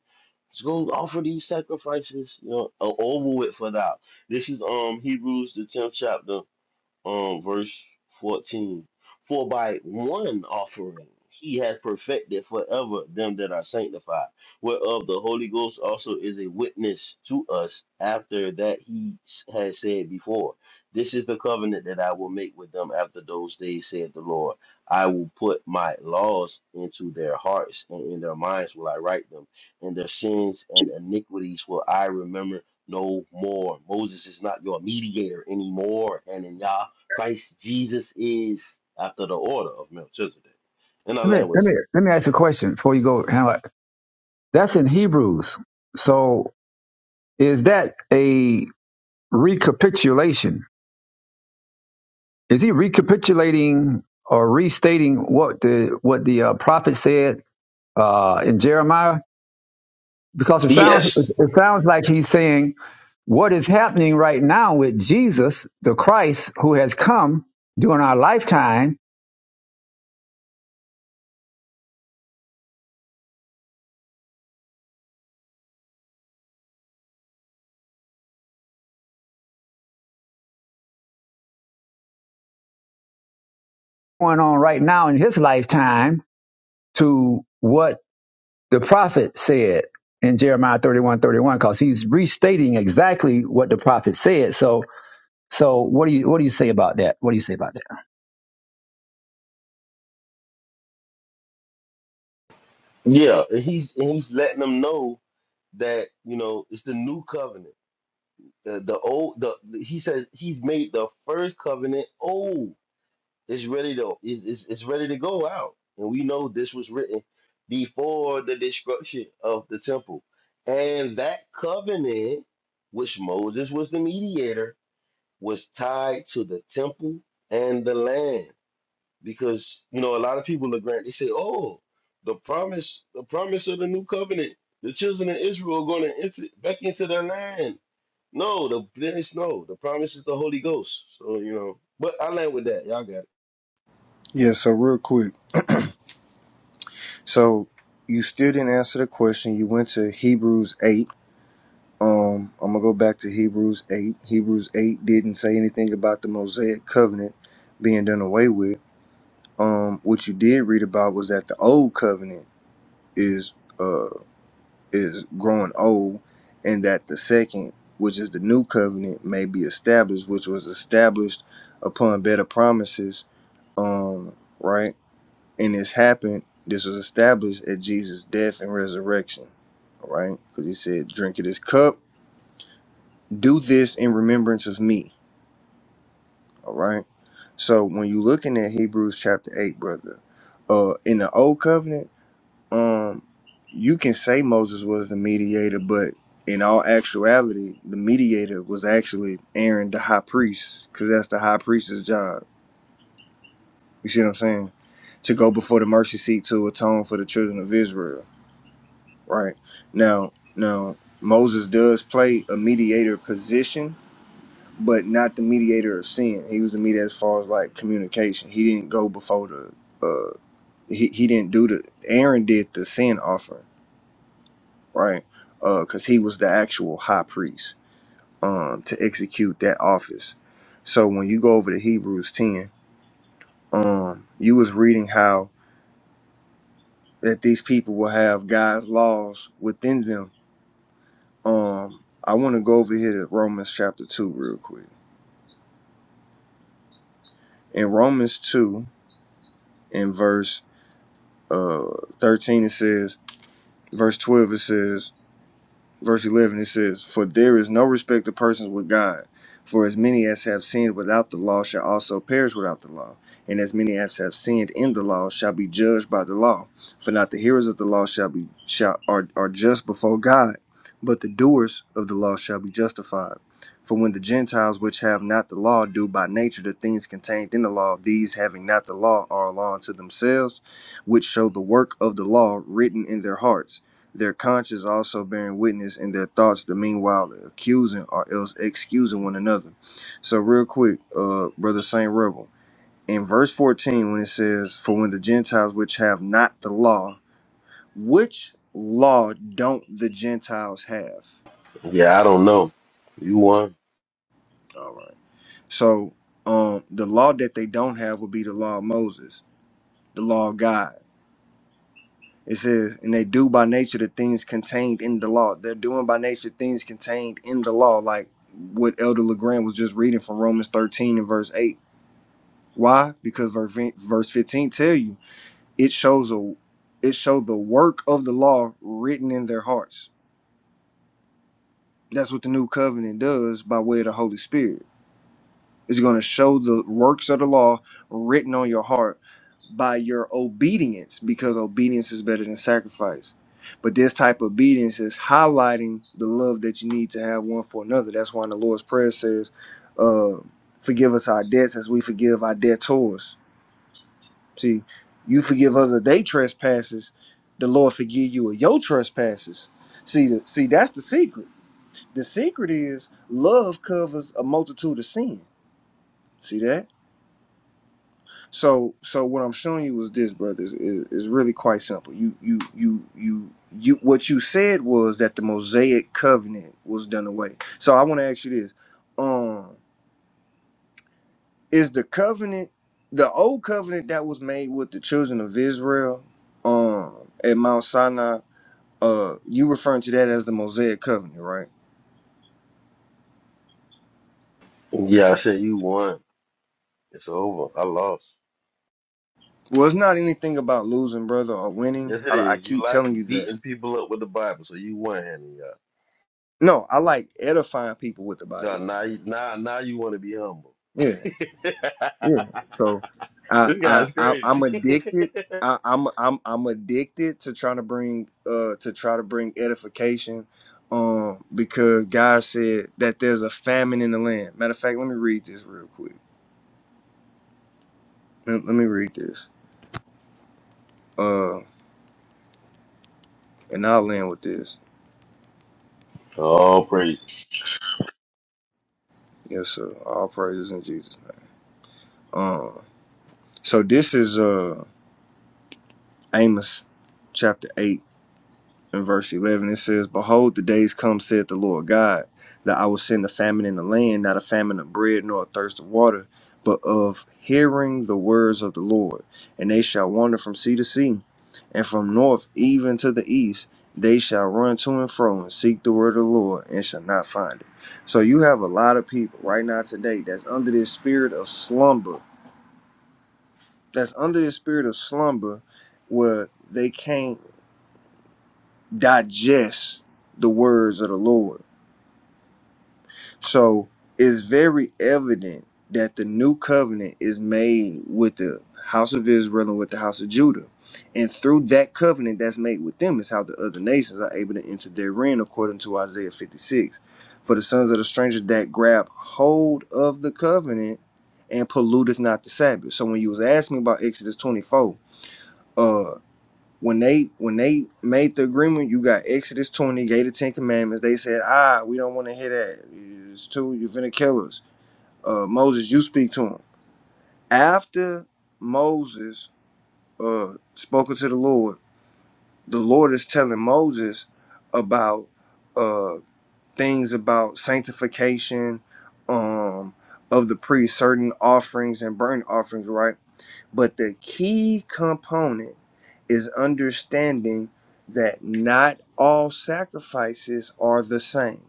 to go offer these sacrifices, you know, uh, over with for thou. This is um Hebrews the 10th chapter um, verse 14. For by one offering he hath perfected forever them that are sanctified, whereof the Holy Ghost also is a witness to us after that he s- has said before. This is the covenant that I will make with them after those days, saith the Lord. I will put my laws into their hearts, and in their minds will I write them, and their sins and iniquities will I remember no more. Moses is not your mediator anymore, Hananiah. Christ Jesus is after the order of Melchizedek. And I land with let, that. me, let me ask you a question before you go. hang on. That's in Hebrews. So is that a recapitulation? Is he recapitulating or restating what the what the uh, prophet said uh, in Jeremiah? because it sounds Yes. it sounds like he's saying what is happening right now with Jesus, the Christ who has come during our lifetime, going on right now in his lifetime to what the prophet said in Jeremiah 31 31 because he's restating exactly what the prophet said. So so what do you what do you say about that? What do you say about that? Yeah, and he's and he's letting them know that you know it's the new covenant. The the old the he says he's made the first covenant old. It's ready to it's, it's, it's ready to go out, and we know this was written before the destruction of the temple, and that covenant, which Moses was the mediator, was tied to the temple and the land. because you know a lot of people look grant they say oh the promise the promise of the new covenant the children of israel are going to enter back into their land no the there is no the promise is the holy ghost so you know but i land with that y'all got it Yeah, so real quick. So you still didn't answer the question. You went to Hebrews 8 Um, I'm gonna go back to Hebrews 8. Hebrews 8 didn't say anything about the Mosaic covenant being done away with. Um, what you did read about was that the old covenant is uh is growing old, and that the second, which is the new covenant, may be established, which was established upon better promises. Um, right, and this happened. This was established at Jesus' death and resurrection. All right, because he said, "Drink of this cup." do this in remembrance of me All right. So when you looking at Hebrews chapter eight, brother, uh, in the old covenant, um, you can say Moses was the mediator, but in all actuality, the mediator was actually Aaron, the high priest, because that's the high priest's job. You see what I'm saying? To go before the mercy seat to atone for the children of Israel. Right now, now Moses does play a mediator position but not the mediator of sin. He was the mediator as far as like communication. He didn't go before the uh he, he didn't do the Aaron did the sin offering, right? Uh cuz he was the actual high priest um to execute that office. So when you go over to Hebrews 10, um you was reading how that these people will have God's laws within them. Um I want to go over here to Romans chapter 2 real quick. In Romans 2 in verse uh 13 it says verse 12 it says verse 11 it says for there is no respect of persons with god for as many as have sinned without the law shall also perish without the law and as many as have sinned in the law shall be judged by the law for not the hearers of the law shall be shall are, are just before god but the doers of the law shall be justified for when the gentiles which have not the law do by nature the things contained in the law these having not the law are a law unto themselves which show the work of the law written in their hearts their conscience also bearing witness and their thoughts the meanwhile accusing or else excusing one another so real quick uh brother saint rebel in verse 14 when it says for when the gentiles which have not the law which law don't the gentiles have yeah i don't know you won all right so um the law that they don't have would be the law of moses the law of god It says, and they do by nature the things contained in the law. They're doing by nature things contained in the law, like what Elder LeGrand was just reading from Romans 13 and verse 8. Why? Because ver- verse 15 tell you it shows a it showed the work of the law written in their hearts. That's what the new covenant does by way of the Holy Spirit. It's going to show the works of the law written on your heart by your obedience, because obedience is better than sacrifice. But this type of obedience is highlighting the love that you need to have one for another. That's why in the Lord's Prayer it says, uh, "Forgive us our debts, as we forgive our debtors." See, you forgive others they trespasses, the Lord forgive you of your trespasses. See, the, see, that's the secret. The secret is love covers a multitude of sin. See that? So so what I'm showing you is this, brother, is, is really quite simple. You you you you you what you said was that the Mosaic covenant was done away. So I want to ask you this. Um is the covenant the old covenant that was made with the children of Israel um at Mount Sinai, uh you referring to that as the Mosaic covenant, right? yeah i said you won it's over i lost Well, it's not anything about losing, brother, or winning. yes it I, I is you keep like telling you that. beating people up with the bible so you won Hannah, y'all. No, I like edifying people with the God, Bible. now, you- now, now you want to be humble. Yeah. Yeah. So <laughs> I this I, guy's I I'm crazy. <laughs> addicted. I, I'm I'm I'm addicted to trying to bring uh to try to bring edification um because God said that there's a famine in the land. Matter of fact, let me read this real quick. Let, let me read this. Uh and I'll land with this. Oh, praise. Yes, sir. All praises in Jesus' name. Um so this is uh Amos chapter 8 in verse 11 it says behold the days come saith the lord god that i will send a famine in the land not a famine of bread nor a thirst of water but of hearing the words of the lord and they shall wander from sea to sea and from north even to the east they shall run to and fro and seek the word of the lord and shall not find it so you have a lot of people right now today that's under this spirit of slumber that's under this spirit of slumber where they can't digest the words of the Lord. So it's very evident that the new covenant is made with the house of Israel and with the house of Judah. And through that covenant that's made with them is how the other nations are able to enter therein, according to Isaiah 56. For the sons of the strangers that grab hold of the covenant and polluteth not the Sabbath. So when you was asking me about Exodus 24, uh, when they when they made the agreement, you got Exodus 20, Gate of Ten Commandments. They said, ah, we don't want to hear that. It's too, you're finna kill us. Uh, Moses, you speak to him. After Moses uh, spoken to the Lord, the Lord is telling Moses about uh, things about sanctification um, of the priest, certain offerings and burnt offerings, right? But the key component is understanding that not all sacrifices are the same.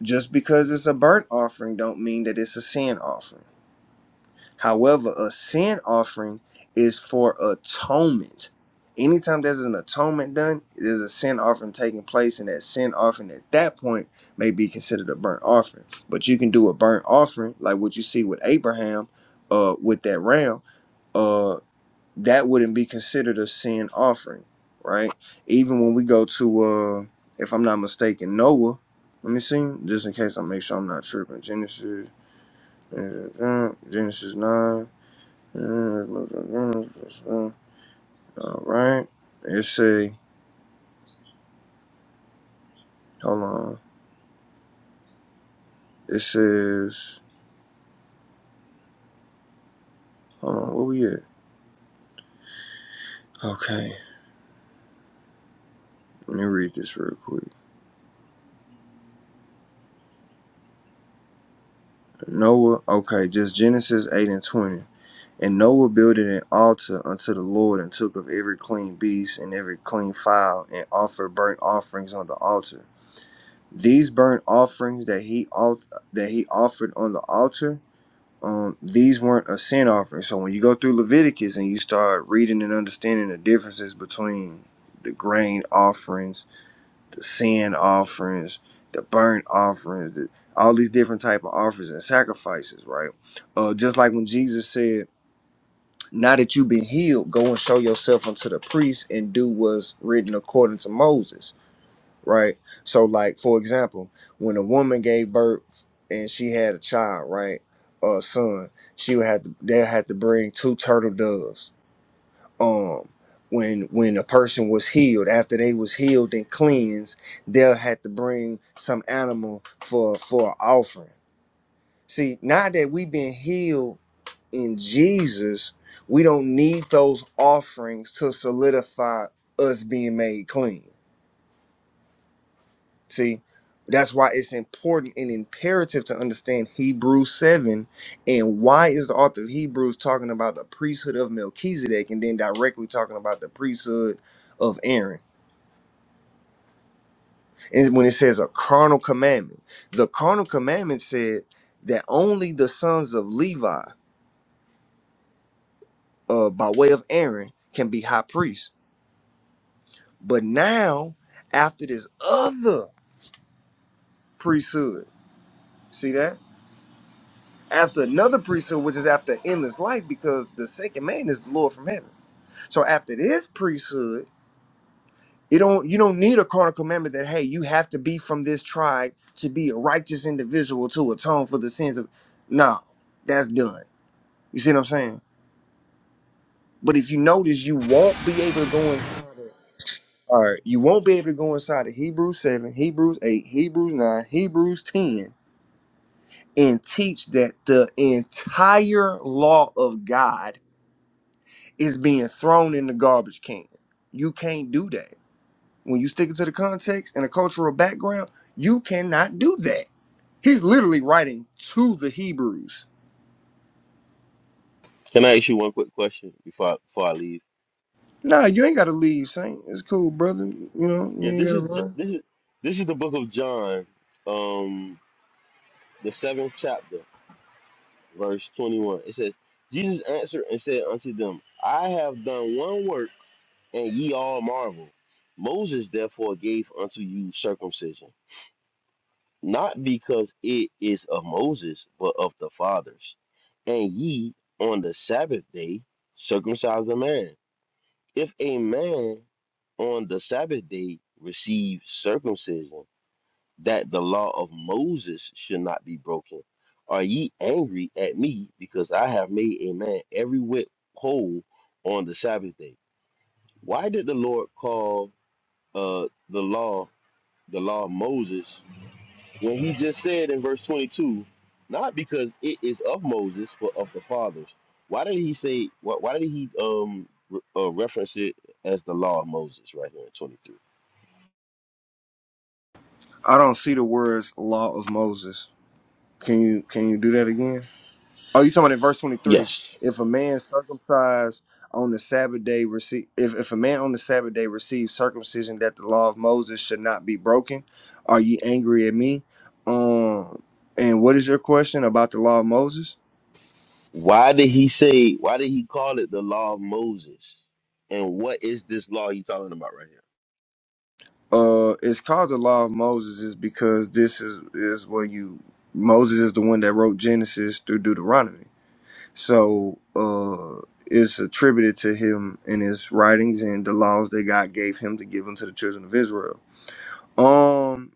Just because it's a burnt offering don't mean that it's a sin offering. However, a sin offering is for atonement. Anytime there's an atonement done, there's a sin offering taking place, and that sin offering at that point may be considered a burnt offering. But you can do a burnt offering, like what you see with Abraham, uh, with that ram. uh, that wouldn't be considered a sin offering, right? Even when we go to, uh, if I'm not mistaken, Noah. Let me see, just in case I make sure I'm not tripping. Genesis, uh, Genesis nine. uh, All right. It say, hold on. It says, hold on. Where we at? Okay. Let me read this real quick. Noah. Okay, just Genesis eight and twenty. And Noah builded an altar unto the Lord and took of every clean beast and every clean fowl and offered burnt offerings on the altar. These burnt offerings that he al- that he offered on the altar, um, these weren't a sin offering. So when you go through Leviticus and you start reading and understanding the differences between the grain offerings, the sin offerings, the burnt offerings, the, all these different type of offerings and sacrifices, right? Uh, just like when Jesus said now that you've been healed, go and show yourself unto the priest and do what's written according to Moses, right? So, like for example, when a woman gave birth and she had a child, right, or a son, she would have to they have to bring two turtle doves. Um, when when a person was healed, after they was healed and cleansed, they'll have to bring some animal for for an offering. See, now that we've been healed in Jesus, we don't need those offerings to solidify us being made clean. See, that's why it's important and imperative to understand Hebrews 7 and why is the author of Hebrews talking about the priesthood of Melchizedek and then directly talking about the priesthood of Aaron. And when it says a carnal commandment, the carnal commandment said that only the sons of Levi, uh, by way of Aaron, can be high priests But now, after this other priesthood, see that? After another priesthood, which is after endless life, because the second man is the Lord from heaven. So after this priesthood, you don't you don't need a carnal commandment that hey, you have to be from this tribe to be a righteous individual to atone for the sins of no, that's done. You see what I'm saying? But if you notice, you won't be able to go inside of all right, you won't be able to go inside of Hebrews 7, Hebrews 8, Hebrews 9, Hebrews 10 and teach that the entire law of God is being thrown in the garbage can. You can't do that. When you stick it to the context and the cultural background, you cannot do that. He's literally writing to the Hebrews. Can I ask you one quick question before I, before I leave? Nah, you ain't gotta leave, Saint. It's cool, brother. You know, you Yeah, ain't this gotta is J- run. this is this is the book of John, um, the seventh chapter, verse twenty-one. It says, "Jesus answered and said unto them, I have done one work, and ye all marvel. Moses therefore gave unto you circumcision, not because it is of Moses, but of the fathers. And ye on the Sabbath day circumcise the man." if a man on the Sabbath day receive circumcision, that the law of Moses should not be broken. Are ye angry at me because I have made a man every whit whole on the Sabbath day? Why did the Lord call uh, the law the law of Moses when he just said in verse 22, not because it is of Moses, but of the fathers. Why did he say? Why, why did he um re- uh, reference it as the law of Moses right here in 23? I don't see the words law of Moses. Can you can you do that again? Oh, you talking about in verse twenty three? Yes. If a man circumcised on the Sabbath day receive, if, if a man on the Sabbath day receives circumcision that the law of Moses should not be broken, are ye angry at me? Um, and what is your question about the law of Moses? Why did he say? Why did he call it the law of Moses? And what is this law you talking about right here? Uh, it's called the law of Moses is because this is is where you Moses is the one that wrote Genesis through Deuteronomy, so uh, it's attributed to him in his writings and the laws that God gave him to give unto the children of Israel. Um,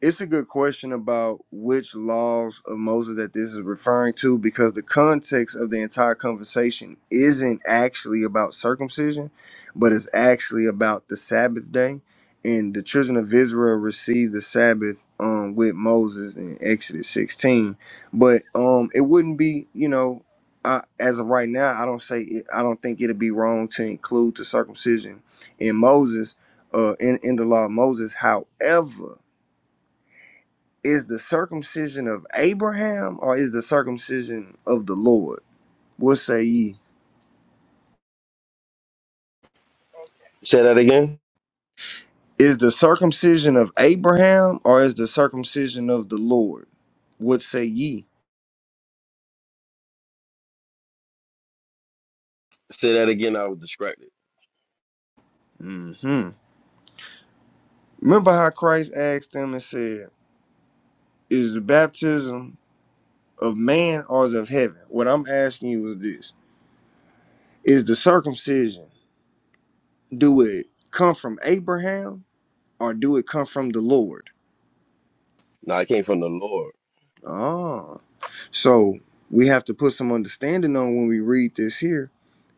it's a good question about which laws of Moses that this is referring to because the context of the entire conversation isn't actually about circumcision, but it's actually about the Sabbath day. And the children of Israel received the Sabbath um, with Moses in Exodus 16. But um, it wouldn't be, you know, I, as of right now, I don't say it, I don't think it'd be wrong to include the circumcision in Moses, uh, in, in the law of Moses. However, is the circumcision of Abraham or is the circumcision of the Lord? What say ye? Say that again. Is the circumcision of Abraham or is the circumcision of the Lord? What say ye? Say that again. I was distracted. hmm Remember how Christ asked them and said, Is the baptism of man or is it of heaven? What I'm asking you is this Is the circumcision, do it come from Abraham or do it come from the Lord? No, I came from the Lord. Ah, so we have to put some understanding on when we read this here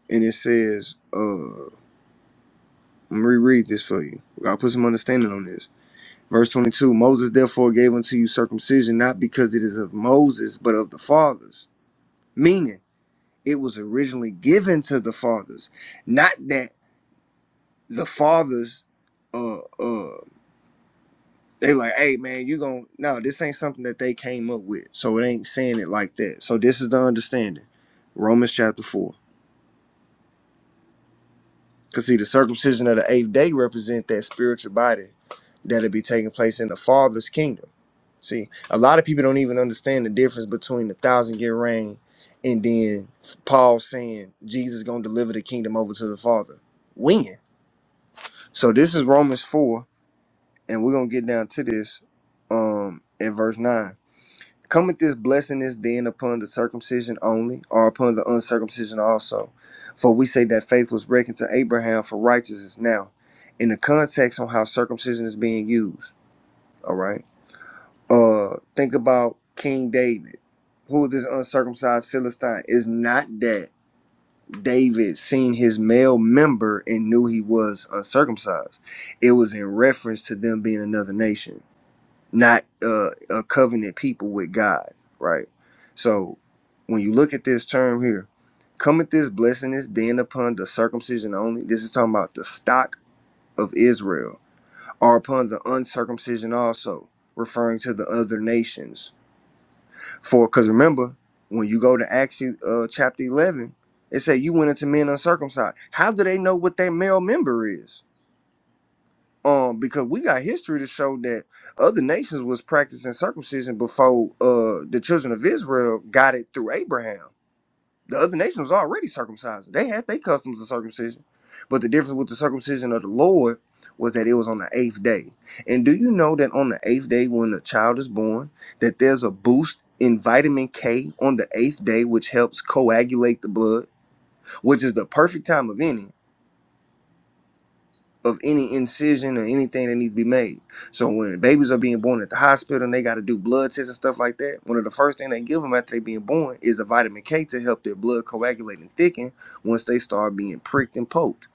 and it says, uh, I'm gonna reread this for you. Got to put some understanding on this. Verse 22 Moses therefore gave unto you circumcision, not because it is of Moses, but of the fathers. Meaning, it was originally given to the fathers, not that the fathers, uh, uh, they like, hey man, you gon' no, this ain't something that they came up with, so it ain't saying it like that. So this is the understanding. Romans chapter 4. Cause see, the circumcision of the eighth day represent that spiritual body that'll be taking place in the Father's kingdom. See, a lot of people don't even understand the difference between the thousand year reign and then Paul saying Jesus gonna deliver the kingdom over to the Father. When? So this is Romans four, and we're gonna get down to this um in verse nine. Cometh this blessing is then upon the circumcision only, or upon the uncircumcision also? For we say that faith was reckoned to Abraham for righteousness now. In the context on how circumcision is being used, all right? Uh think about King David. Who this uncircumcised Philistine? Is not that David seen his male member and knew he was uncircumcised. It was in reference to them being another nation not uh, a covenant people with God, right? So when you look at this term here, cometh this blessing is then upon the circumcision only. This is talking about the stock of Israel, or upon the uncircumcision also, referring to the other nations. For because remember, when you go to Acts uh, chapter eleven, it say you went into men uncircumcised. How do they know what their male member is? um because we got history to show that other nations was practicing circumcision before uh the children of Israel got it through Abraham. The other nations was already circumcised. They had their customs of circumcision. But the difference with the circumcision of the Lord was that it was on the eighth day. And do you know that on the eighth day when a child is born, that there's a boost in vitamin K on the eighth day, which helps coagulate the blood, which is the perfect time of any. of any incision or anything that needs to be made. So when babies are being born at the hospital and they got to do blood tests and stuff like that, one of the first thing they give them after they being born is a vitamin K to help their blood coagulate and thicken once they start being pricked and poked.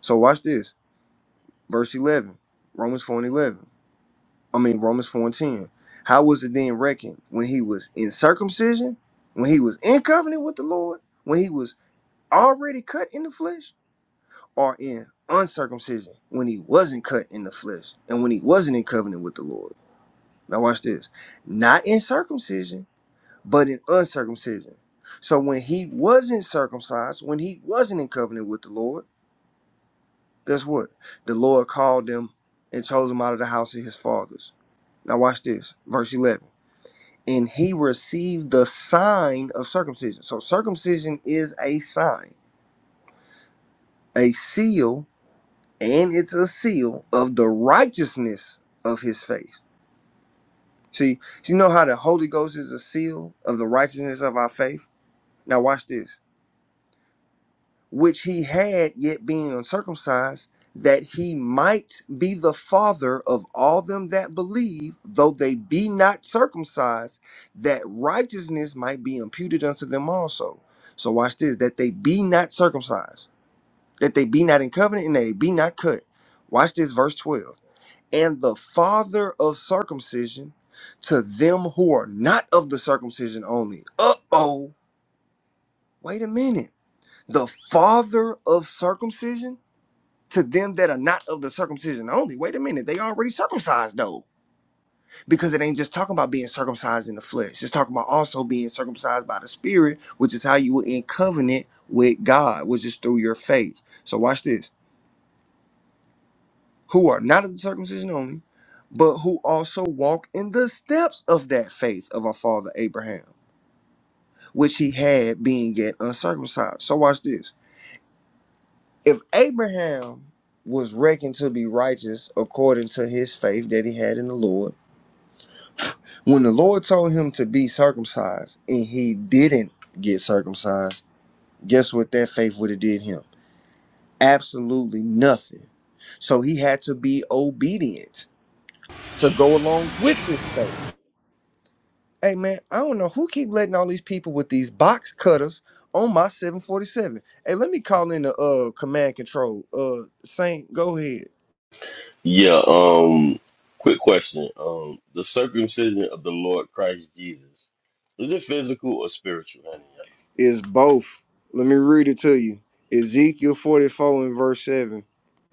So watch this, verse 11, Romans 4 and 11. I mean Romans 4 and 10. How was it then reckoned when he was in circumcision, when he was in covenant with the Lord, when he was already cut in the flesh? are in uncircumcision when he wasn't cut in the flesh and when he wasn't in covenant with the Lord. Now watch this. Not in circumcision, but in uncircumcision. So when he wasn't circumcised, when he wasn't in covenant with the Lord, guess what? The Lord called them and chose them out of the house of his fathers. Now watch this. Verse 11. And he received the sign of circumcision. So circumcision is a sign, a seal and it's a seal of the righteousness of his faith. See, so you know how the Holy Ghost is a seal of the righteousness of our faith? Now watch this. Which he had yet being uncircumcised, that he might be the father of all them that believe, though they be not circumcised, that righteousness might be imputed unto them also. So watch this, that they be not circumcised, that they be not in covenant, and that they be not cut. Watch this verse 12 and the father of circumcision to them who are not of the circumcision only. Uh oh, wait a minute. The father of circumcision to them that are not of the circumcision only. Wait a minute, they already circumcised though, because it ain't just talking about being circumcised in the flesh, it's talking about also being circumcised by the spirit, which is how you were in covenant with God, which is through your faith. So, watch this who are not of the circumcision only, but who also walk in the steps of that faith of our father Abraham, which he had being yet uncircumcised. So watch this. If Abraham was reckoned to be righteous according to his faith that he had in the Lord, when the Lord told him to be circumcised and he didn't get circumcised, guess what that faith would have did him? Absolutely nothing. So he had to be obedient to go along with his faith. Hey man, I don't know who keep letting all these people with these box cutters on my 747. Hey, let me call in the uh command control. Uh Saint, go ahead. Yeah, um, quick question. Um, the circumcision of the Lord Christ Jesus, is it physical or spiritual, honey? It's both. Let me read it to you. Ezekiel 44 and verse 7.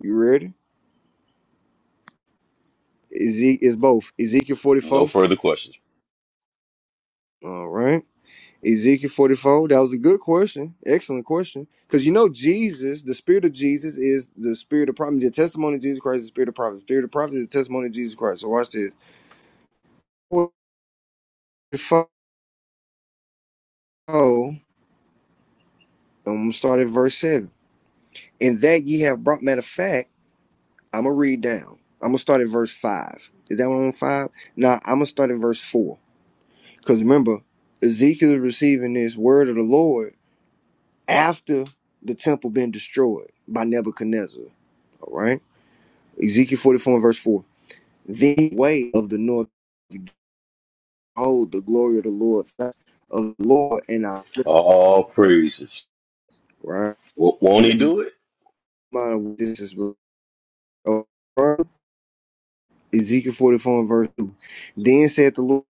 You ready? Ezek it's both. Ezekiel No 44. further questions. All right. Ezekiel 44. That was a good question. Excellent question. Because you know Jesus, the spirit of Jesus is the spirit of prophecy. The testimony of Jesus Christ is the spirit of prophecy. The spirit of prophecy is the testimony of Jesus Christ. So watch this. Oh, I'm gonna start at verse seven. And that ye have brought. Matter of fact, I'm gonna read down. I'm gonna start at verse five. Is that one on five? Nah, I'm gonna start at verse four. Cause remember, Ezekiel is receiving this word of the Lord after the temple been destroyed by Nebuchadnezzar. All right, Ezekiel 44 and verse four. The way of the north, behold the glory of the Lord, of the Lord, and I. All praises. Right, W- won't he and just do it? mind what this is. Ezekiel 44 and verse 2. Then said the Lord,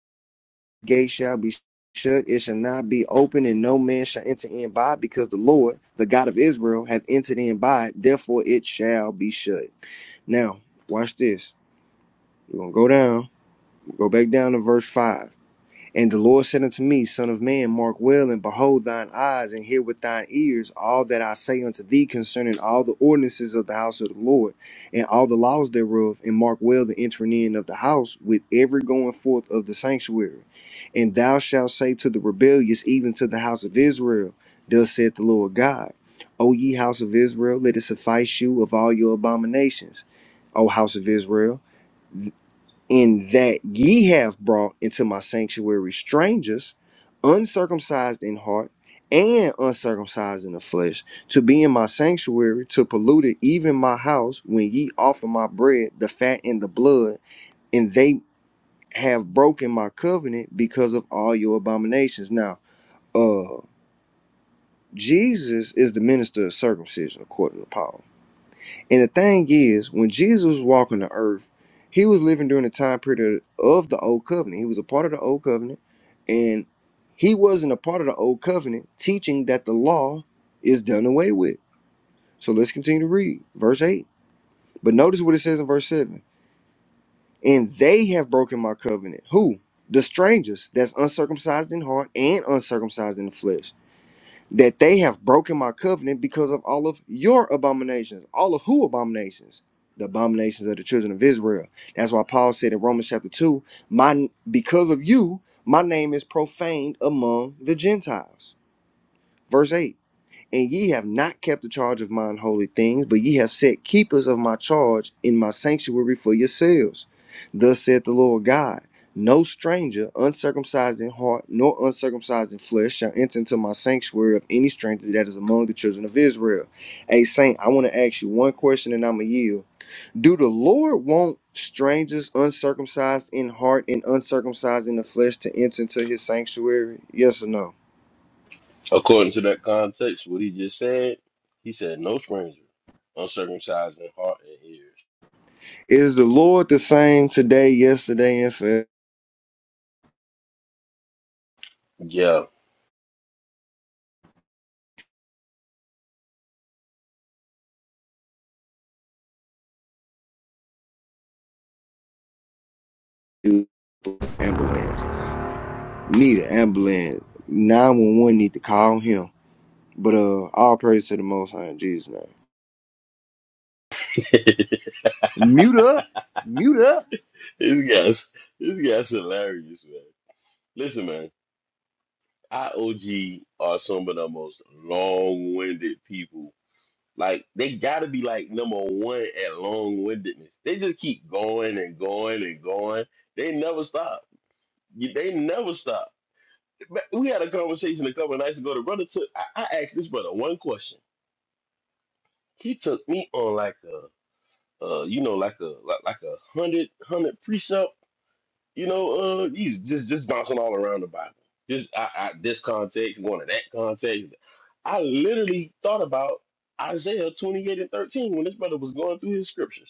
"The gate shall be shut, it shall not be open, and no man shall enter in by it, because the Lord, the God of Israel, hath entered in by it, therefore it shall be shut. Now, watch this. We're gonna go down, go back down to verse 5. And the Lord said unto me, Son of man, mark well and behold thine eyes and hear with thine ears all that I say unto thee concerning all the ordinances of the house of the Lord and all the laws thereof, and mark well the entering in of the house with every going forth of the sanctuary. And thou shalt say to the rebellious, even to the house of Israel, Thus saith the Lord God, O ye house of Israel, let it suffice you of all your abominations. O house of Israel in that ye have brought into my sanctuary strangers, uncircumcised in heart and uncircumcised in the flesh, to be in my sanctuary, to pollute it, even my house, when ye offer my bread, the fat and the blood, and they have broken my covenant because of all your abominations. Now, uh, Jesus is the minister of circumcision, according to Paul and the thing is, when Jesus was walking the earth, he was living during the time period of the old covenant. He was a part of the old covenant, and he wasn't a part of the old covenant teaching that the law is done away with. So let's continue to read verse 8. But notice what it says in verse 7 And they have broken my covenant. Who? The strangers that's uncircumcised in heart and uncircumcised in the flesh that they have broken my covenant because of all of your abominations. All of who abominations? The abominations of the children of Israel. That's why Paul said in Romans chapter 2, my because of you, my name is profaned among the Gentiles. Verse 8. And ye have not kept the charge of mine holy things, but ye have set keepers of my charge in my sanctuary for yourselves. Thus saith the Lord God No stranger, uncircumcised in heart, nor uncircumcised in flesh, shall enter into my sanctuary of any stranger that is among the children of Israel. Hey, Saint, I want to ask you one question and I'm going to yield. Do the Lord want strangers, uncircumcised in heart and uncircumcised in the flesh, to enter into his sanctuary? Yes or no? According to that context, what he just said, he said, no stranger, uncircumcised in heart and ears. Is the Lord the same today, yesterday, and forever? Yeah. You Ambulance. Need an ambulance. 911 need to call him. But uh all praise to the most high in Jesus' name. <laughs> Mute up. Mute up. this guy's, this guy's hilarious, man. Listen, man, IOG are some of the most long-winded people Like they gotta be like number one at long windedness. They just keep going and going and going. They never stop. You- They never stop. But We had a conversation a couple of nights ago. The brother took. I, I asked this brother one question. He took me on like a, uh, you know, like a like, like a hundred hundred precept. You know, uh, you just just bouncing all around the Bible. Just I, I, this context going to that context. I literally thought about Isaiah twenty eight and thirteen when this brother was going through his scriptures.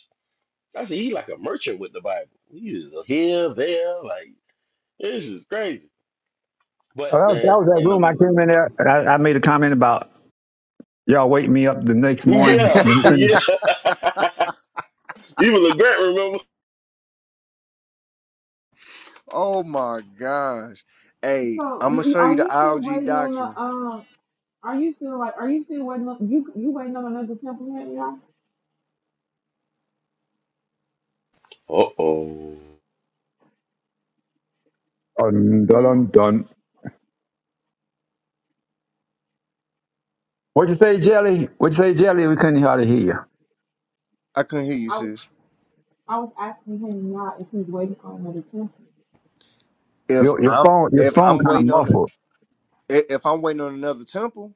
I said, he like a merchant with the Bible. He's here, there, like this is crazy. But Oh, that, was, that man, was ain't that no room I love came in for you. there and I, I made a comment about y'all wake me up the next morning Yeah, when <laughs> you finish. yeah. <laughs> Even LeGrant remember. Oh my gosh. Hey, So, I'm gonna you- show are you the you still IOG waiting on the doctrine. um? Are you still like? Are you still waiting on you? You waiting on another temple yet, Uh oh. Dun, dun, dun, y'all? dun. What'd you say, Jelly? What'd you say, Jelly? We couldn't hardly hear you. I couldn't hear you, Yeah. sis. I was asking him now if he's waiting on another temple. If Your, your I'm phone, your if phone I'm kind of waiting on it, muffled. if I'm waiting on another temple.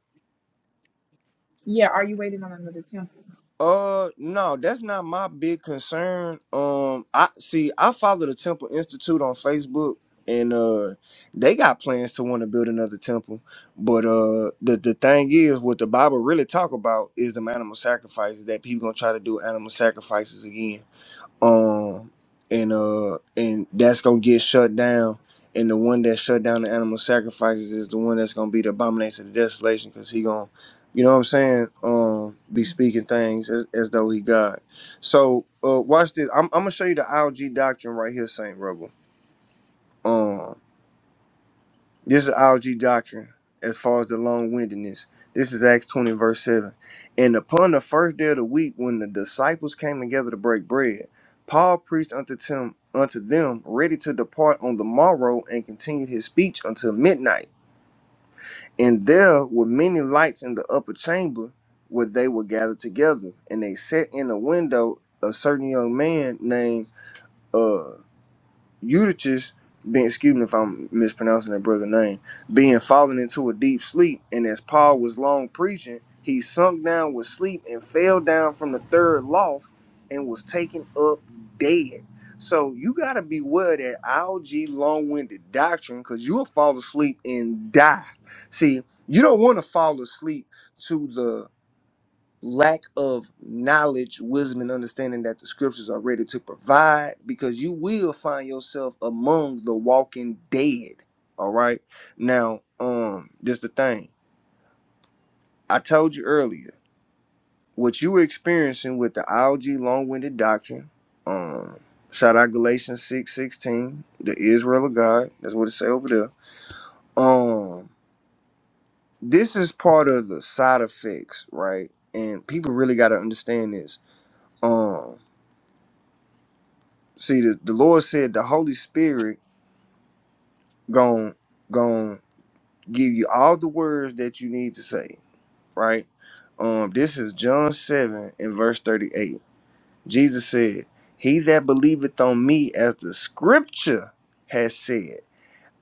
Yeah, are you waiting on another temple? Uh no, that's not my big concern. Um I see I follow the Temple Institute on Facebook and uh they got plans to want to build another temple. But uh the, the thing is what the Bible really talk about is the animal sacrifices that people gonna try to do animal sacrifices again um and uh and that's gonna get shut down and the one that shut down the animal sacrifices is the one that's gonna be the abomination of desolation because he gonna you know what i'm saying um be speaking things as, as though he god so uh watch this I'm, I'm gonna show you the lg doctrine right here saint rebel Um, this is algae doctrine as far as the long windedness. This is Acts 20, verse 7. And upon the first day of the week, when the disciples came together to break bread, Paul preached unto them, unto them ready to depart on the morrow, and continued his speech until midnight. And there were many lights in the upper chamber where they were gathered together. And they set in a window a certain young man named uh, Eutychus being excuse me if I'm mispronouncing that brother's name, being fallen into a deep sleep, and as Paul was long preaching, he sunk down with sleep and fell down from the third loft and was taken up dead. So you gotta beware that algae long-winded doctrine, because you'll fall asleep and die. See, you don't want to fall asleep to the lack of knowledge, wisdom, and understanding that the scriptures are ready to provide because you will find yourself among the walking dead. All right. Now, um, just the thing. I told you earlier, what you were experiencing with the ILG long-winded doctrine, um, shout out Galatians 6 16, the Israel of God. That's what it say over there. Um, this is part of the side effects, right? And people really gotta understand this. Um, See, the, the Lord said the Holy Spirit gon' gon' give you all the words that you need to say, right? Um, this is John 7 and verse 38. Jesus said, He that believeth on me as the scripture has said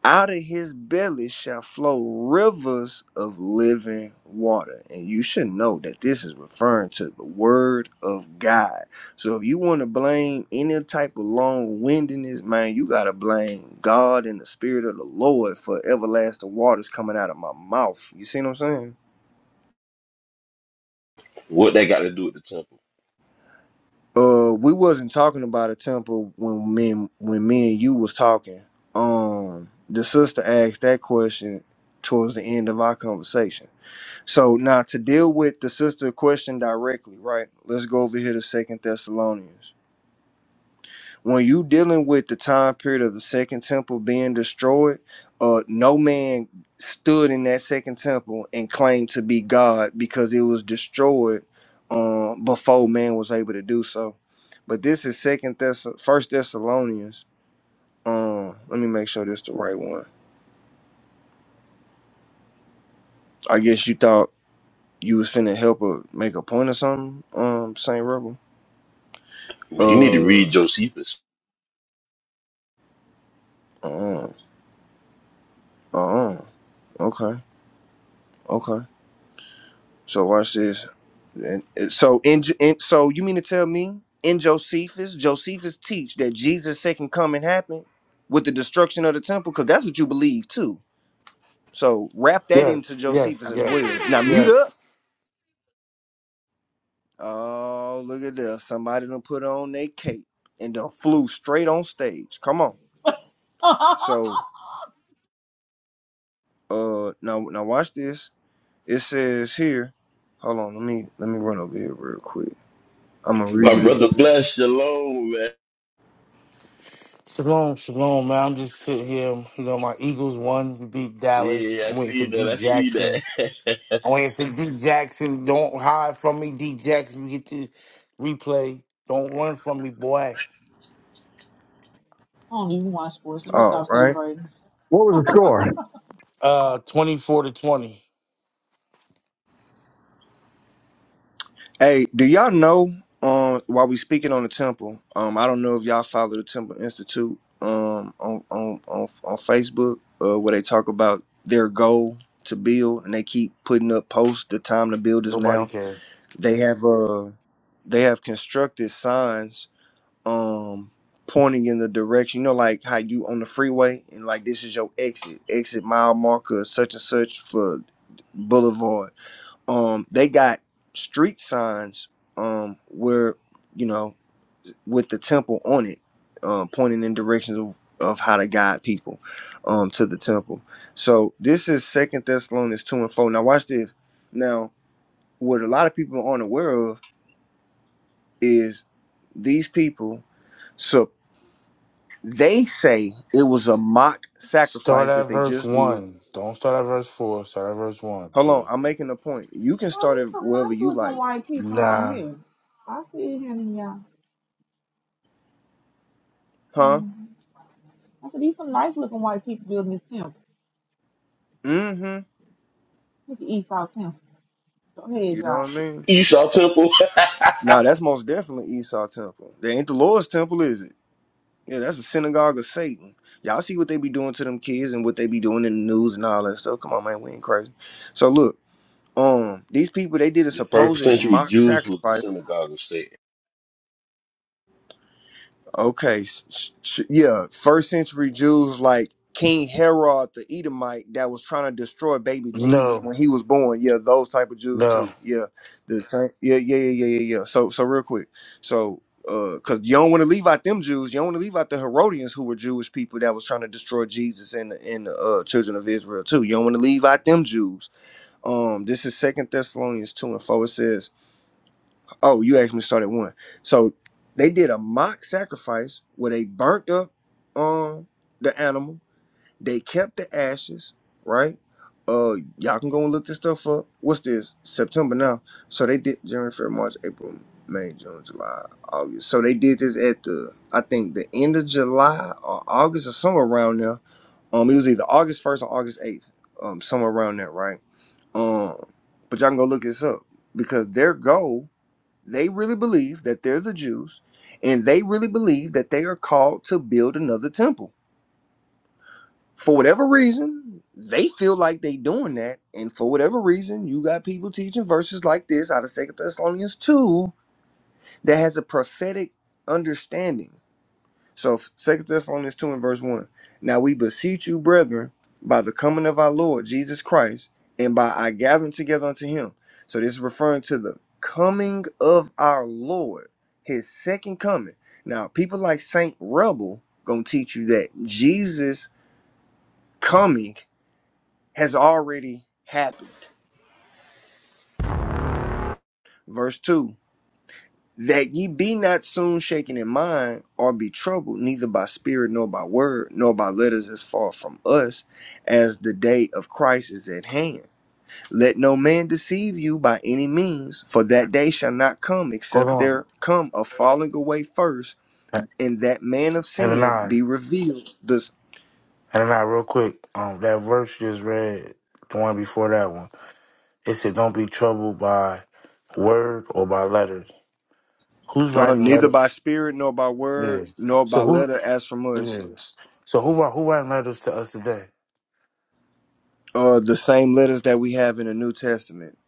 out of his belly shall flow rivers of living water. And you should know that this is referring to the word of God. So if you want to blame any type of long windedness, man, you got to blame God and the Spirit of the Lord for everlasting waters coming out of my mouth. You see what I'm saying? What they got to do with the temple? Uh, we wasn't talking about a temple when me and, when me and you was talking. Um, the sister asked that question towards the end of our conversation So now to deal with the sister question directly, right? Let's go over here to Second Thessalonians. When you dealing with the time period of the second temple being destroyed, uh, no man stood in that second temple and claimed to be God because it was destroyed um, before man was able to do so. But this is Second Thess, First Thessalonians. Um, let me make sure this the right one. I guess you thought you was finna help her make a point or something, um, Saint Rebel. Yeah, You need to Uh. read Josephus. Oh, oh, okay, okay. So watch this. And and so in, in so you mean to tell me in Josephus, Josephus teach that Jesus' second coming happened with the destruction of the temple? Because that's what you believe too. So wrap that Yes, into yes, Josephus as yes, well. Now mute up. yes. Oh, look at this. Somebody done put on their cape and done flew straight on stage. Come on. <laughs> I So uh now now watch this. It says here. Hold on, let me let me run over here real quick. I'm gonna read My you this. brother bless shalom, man. Shalom, shalom, man. I'm just sitting here. You know, my Eagles won. We beat Dallas. Yeah, I I'm waiting for see that. D I see Jackson. that. I'm waiting for D Jackson. Don't hide from me, D Jackson. You get this replay. Don't run from me, boy. don't even watch sports. Let me All stop right. celebrating. What was the score? Uh, 24 to 20. Hey, do y'all know? Um, while we speaking on the temple, um, I don't know if y'all follow the Temple Institute, um, on on on, on Facebook, uh, where they talk about their goal to build, and they keep putting up posts. The time to build is Nobody now. cares. They have uh, they have constructed signs, um, pointing in the direction. You know, like how you on the freeway, and like this is your exit, exit mile marker, such and such for Boulevard um they got street signs um where you know with the temple on it um pointing in directions of, of how to guide people um to the temple so this is second thessalonians 2 and 4 now watch this now what a lot of people aren't aware of is these people so they say it was a mock Start sacrifice at that they verse just did 1. Don't start at verse 4. Start at verse 1. hold on i'm making a point you can Well, start it there's some nice wherever you looking like white people on Nah. here. I see him, yeah. huh Mhm. I said, these some nice looking white people building this temple. mm-hmm Look at Esau Temple. Go ahead, you know what y'all. i mean <laughs> Esau temple. Now <laughs> that's most definitely Esau temple. That ain't the Lord's temple, is it? Yeah, that's a synagogue of Satan. Y'all see what they be doing to them kids and what they be doing in the news and all that stuff. Come on, man, we ain't crazy. So look, um, these people they did a the first supposed century mock Jews was the sacrifice. synagogue of Satan. Okay, s- s- s- yeah, first century Jews like King Herod the Edomite that was trying to destroy baby Jesus No. when he was born. Yeah, those type of Jews No. too. Yeah, the same. Yeah, yeah, yeah, yeah, yeah. yeah. So, so real quick. So, uh, cause you don't want to leave out them Jews. You don't want to leave out the Herodians who were Jewish people that was trying to destroy Jesus and the- and the uh, children of Israel too. You don't want to leave out them Jews. Um, this is Second Thessalonians two and four. It says. Oh, you asked me to start at one. So they did a mock sacrifice where they burnt up um the animal. They kept the ashes, right? Uh y'all can go and look this stuff up. What's this? September now. So they did January, February, March, April, May, June, July, August. So they did this at the I think the end of July or August or somewhere around there. Um it was either August first or August eighth. Um somewhere around there, right? Um but y'all can go look this up because their goal they really believe that they're the Jews, and they really believe that they are called to build another temple. For whatever reason, they feel like they doing that, and for whatever reason, you got people teaching verses like this out of Second Thessalonians two that has a prophetic understanding. So Second Thessalonians 2 and verse 1. Now we beseech you, brethren, by the coming of our Lord Jesus Christ, and by our gathering together unto him. So this is referring to the coming of our Lord, his second coming. Now, people like Saint Rebel gonna teach you that Jesus coming has already happened. Verse 2. that ye be not soon shaken in mind or be troubled, neither by spirit nor by word, nor by letters as far from us, as the day of Christ is at hand. Let no man deceive you by any means, for that day shall not come Hold except on. there come a falling away first, and that man of And a sin 9. be revealed. This, And then I real quick, um, that verse you just read, the one before that one, it said, "Don't be troubled by word or by letters." Who's uh, writing neither letters? by spirit nor by word Yeah. nor by So who? letter as from us, Yes. So who wri- who writing letters to us today? uh, the same letters that we have in the New Testament,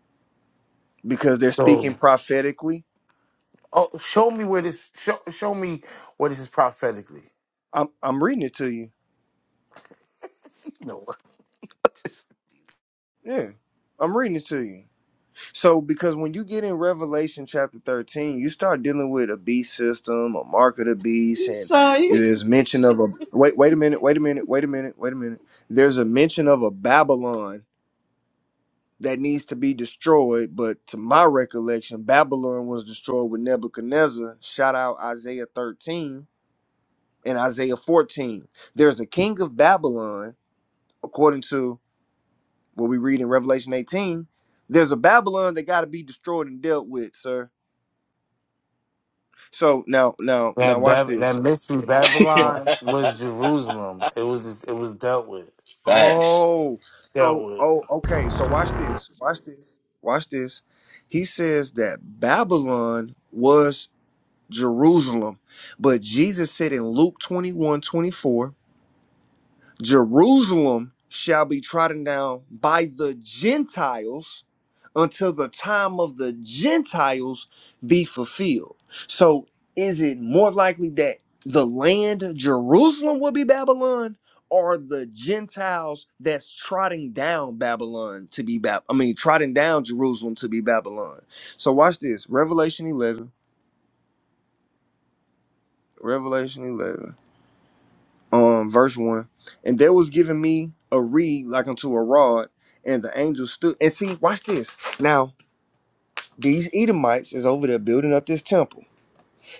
because they're speaking So, prophetically oh, show me where this show, show me where this is prophetically. I'm I'm reading it to you. <laughs> No. Yeah. I'm reading it to you. So because when you get in Revelation chapter 13, you start dealing with a beast system, a mark of the beast, and So you <laughs> there's mention of a wait, wait a minute, wait a minute, wait a minute, wait a minute. There's a mention of a Babylon that needs to be destroyed, but to my recollection, Babylon was destroyed with Nebuchadnezzar. Shout out Isaiah 13 and Isaiah 14. There's a king of Babylon, according to what we read in Revelation 18, there's a Babylon that got to be destroyed and dealt with, sir. So now, now, now, That watch Bab- that this. mystery <laughs> Oh, Babylon was Jerusalem. It was it was dealt with. Facts. Oh, Dealt so with. oh, okay. So watch this. Watch this. Watch this. He says that Babylon was Jerusalem, but Jesus said in Luke 21 24. Jerusalem shall be trodden down by the Gentiles until the time of the Gentiles be fulfilled. So, is it more likely that the land Jerusalem will be Babylon or the Gentiles that's trotting down Babylon to be Bab? I mean, trotting down Jerusalem to be Babylon? So, watch this Revelation 11. Revelation 11. um, verse one, and there was given me a reed like unto a rod, and the angel stood. And see, watch this. Now these Edomites is over there building up this temple.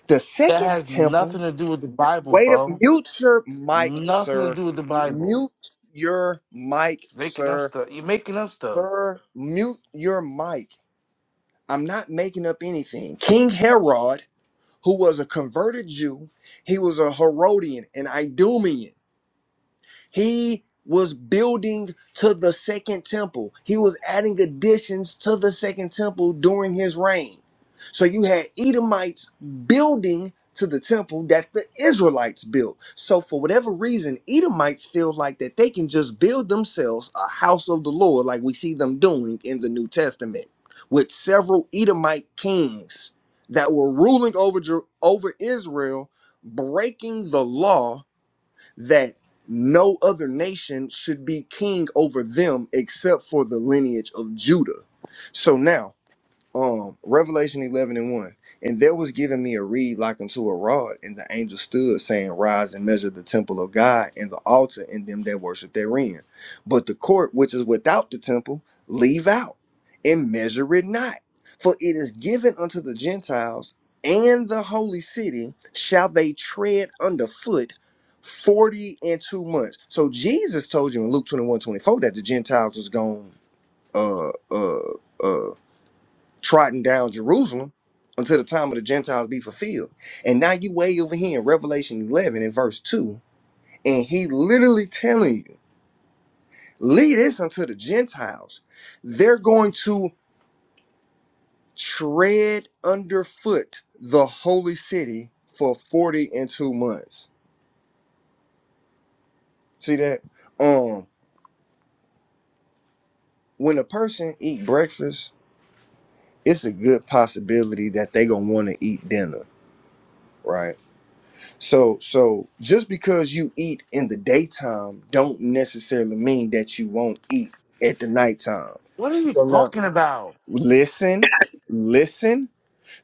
The That second has nothing temple. to do with the Bible, Wait a bro. mute your mic, Nothing to sir. do with the Bible. Mute your mic, Making up sir. stuff. You're making up stuff. Sir, mute your mic. I'm not making up anything. King Herod, who was a converted Jew, he was a Herodian, an Idumean. He was building to the second temple. He was adding additions to the second temple during his reign. So you had Edomites building to the temple that the Israelites built. So for whatever reason, Edomites feel like that they can just build themselves a house of the Lord like we see them doing in the New Testament with several Edomite kings that were ruling over Jer- over Israel breaking the law that no other nation should be king over them except for the lineage of Judah. So now, um Revelation 11 and 1. And there was given me a reed like unto a rod, and the angel stood, saying, Rise and measure the temple of God and the altar and them that worship therein. But the court which is without the temple, leave out and measure it not. For it is given unto the Gentiles and the holy city, shall they tread underfoot. 40 and two months. So Jesus told you in Luke 21 24 that the Gentiles was going uh uh uh trotting down Jerusalem until the time of the Gentiles be fulfilled. And now you way over here in Revelation 11 and verse 2, and he literally telling you, lead this unto the Gentiles. They're going to tread underfoot the holy city for 40 and two months. See that? Um, when a person eat breakfast, it's a good possibility that they gonna want to eat dinner, right? So so just because you eat in the daytime don't necessarily mean that you won't eat at the nighttime. What are you So now talking about? listen, listen,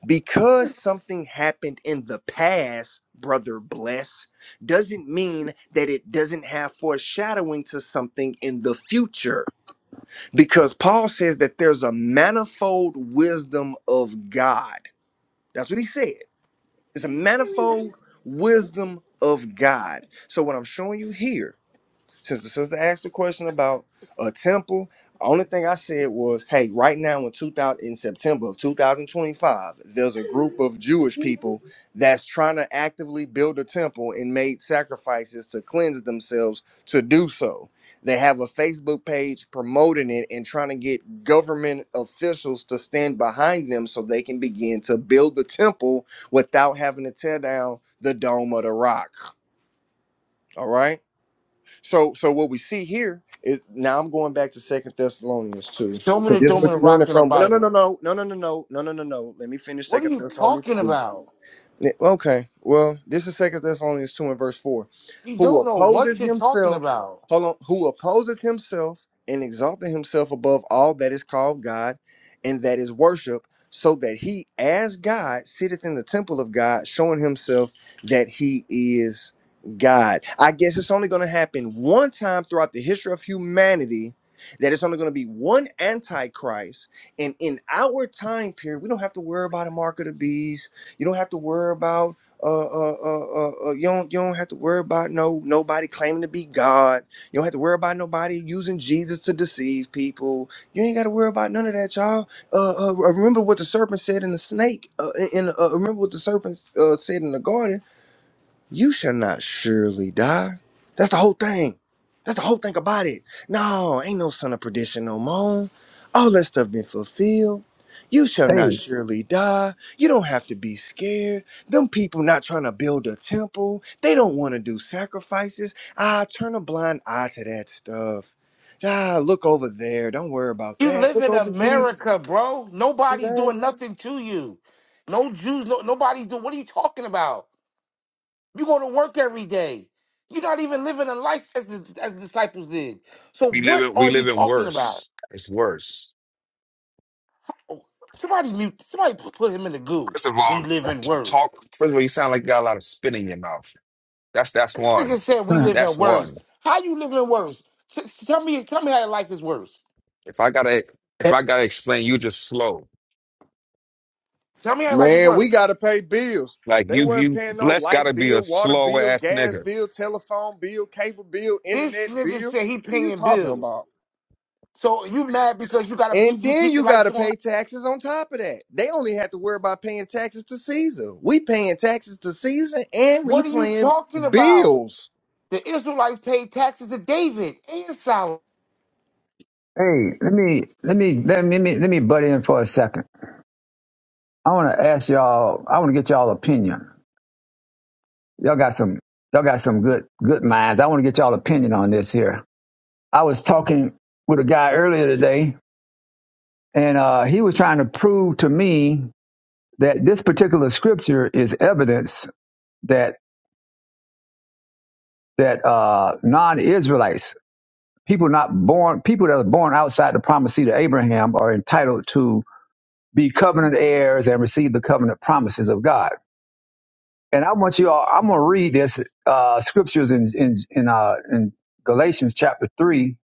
because something happened in the past, brother bless, doesn't mean that it doesn't have foreshadowing to something in the future. Because Paul says that there's a manifold wisdom of God. That's what he said. It's a manifold wisdom of God. So what I'm showing you here since the sister asked the question about a temple, only thing I said was, hey, right now in 2000 in September of 2025, there's a group of Jewish people that's trying to actively build a temple and made sacrifices to cleanse themselves to do so. They have a Facebook page promoting it and trying to get government officials to stand behind them so they can begin to build the temple without having to tear down the dome of the rock. All right. So so what we see here is now I'm going back to Second Thessalonians two. Show me 'Cause the this is dome what of the you're running rock in the from. No, no, no, Bible. no, no, no, no, no, no, no, no, no. Let me finish What are Second you Thessalonians talking two. about? Yeah, Okay. Well, this is Second Thessalonians two and verse four. You Who don't know what opposes you're talking himself, about. hold on, who opposes himself and exalted himself above all that is called God and that is worship, so that he as God sitteth in the temple of God, showing himself that he is God. I guess it's only gonna happen one time throughout the history of humanity. That it's only going to be one antichrist, and in our time period, we don't have to worry about a mark of the beast you don't have to worry about uh, uh, uh, uh, uh, you don't you don't have to worry about no nobody claiming to be God. You don't have to worry about nobody using Jesus to deceive people. You ain't got to worry about none of that, y'all. Uh, uh, remember what the serpent said in the snake. Uh, in in, uh, remember what the serpent uh, said in the garden you shall not surely die. That's the whole thing. That's the whole thing about it. No, ain't no son of perdition no more. All that stuff been fulfilled. You shall not Hey, surely die. You don't have to be scared. Them people not trying to build a temple. They don't want to do sacrifices. Ah, turn a blind eye to that stuff. Ah, look over there. Don't worry about You that. live Look in over here. America, bro. See Nobody's that? doing nothing to you. No Jews, no nobody's doing what are you talking about? You go to work every day. You're not even living a life as the as the disciples did. So We live what in we are you live in talking about? worse. It's worse. Somebody mute somebody put him in the goo. First of We all, live in t- words. talk. First of all, you sound like you got a lot of spit in your mouth. That's that's This one. nigga said uh, we live in That's worse. one. How you live in worse? T- tell me, tell me how your life is worse. If I gotta if I gotta explain, you just slow. Tell me how your life is Man, we worse. gotta pay bills. Like They you weren't you paying no bless light gotta be a bill, water slow bill, ass gas nigga. bill, telephone bill, cable bill, This internet nigga bill. said he What are you paying talking bills. about? So you mad because you gotta keep, And you then keep the you lights gotta on? pay taxes on top of that. They only have to worry about paying taxes to Caesar. We paying taxes to Caesar and we What are you paying talking about? bills. The Israelites paid taxes to David and Solomon. hey, let me, let me, let me, let me, let me butt in for a second. I want to ask y'all. I want to get y'all opinion. Y'all got some, y'all got some good, good minds. I want to get y'all opinion on this here. I was talking with a guy earlier today, and uh, he was trying to prove to me that this particular scripture is evidence that that uh, non-Israelites People not born, people that are born outside the promised seed of Abraham are entitled to be covenant heirs and receive the covenant promises of God. And I want you all, I'm going to read this uh, scriptures in in in, uh, in Galatians chapter three,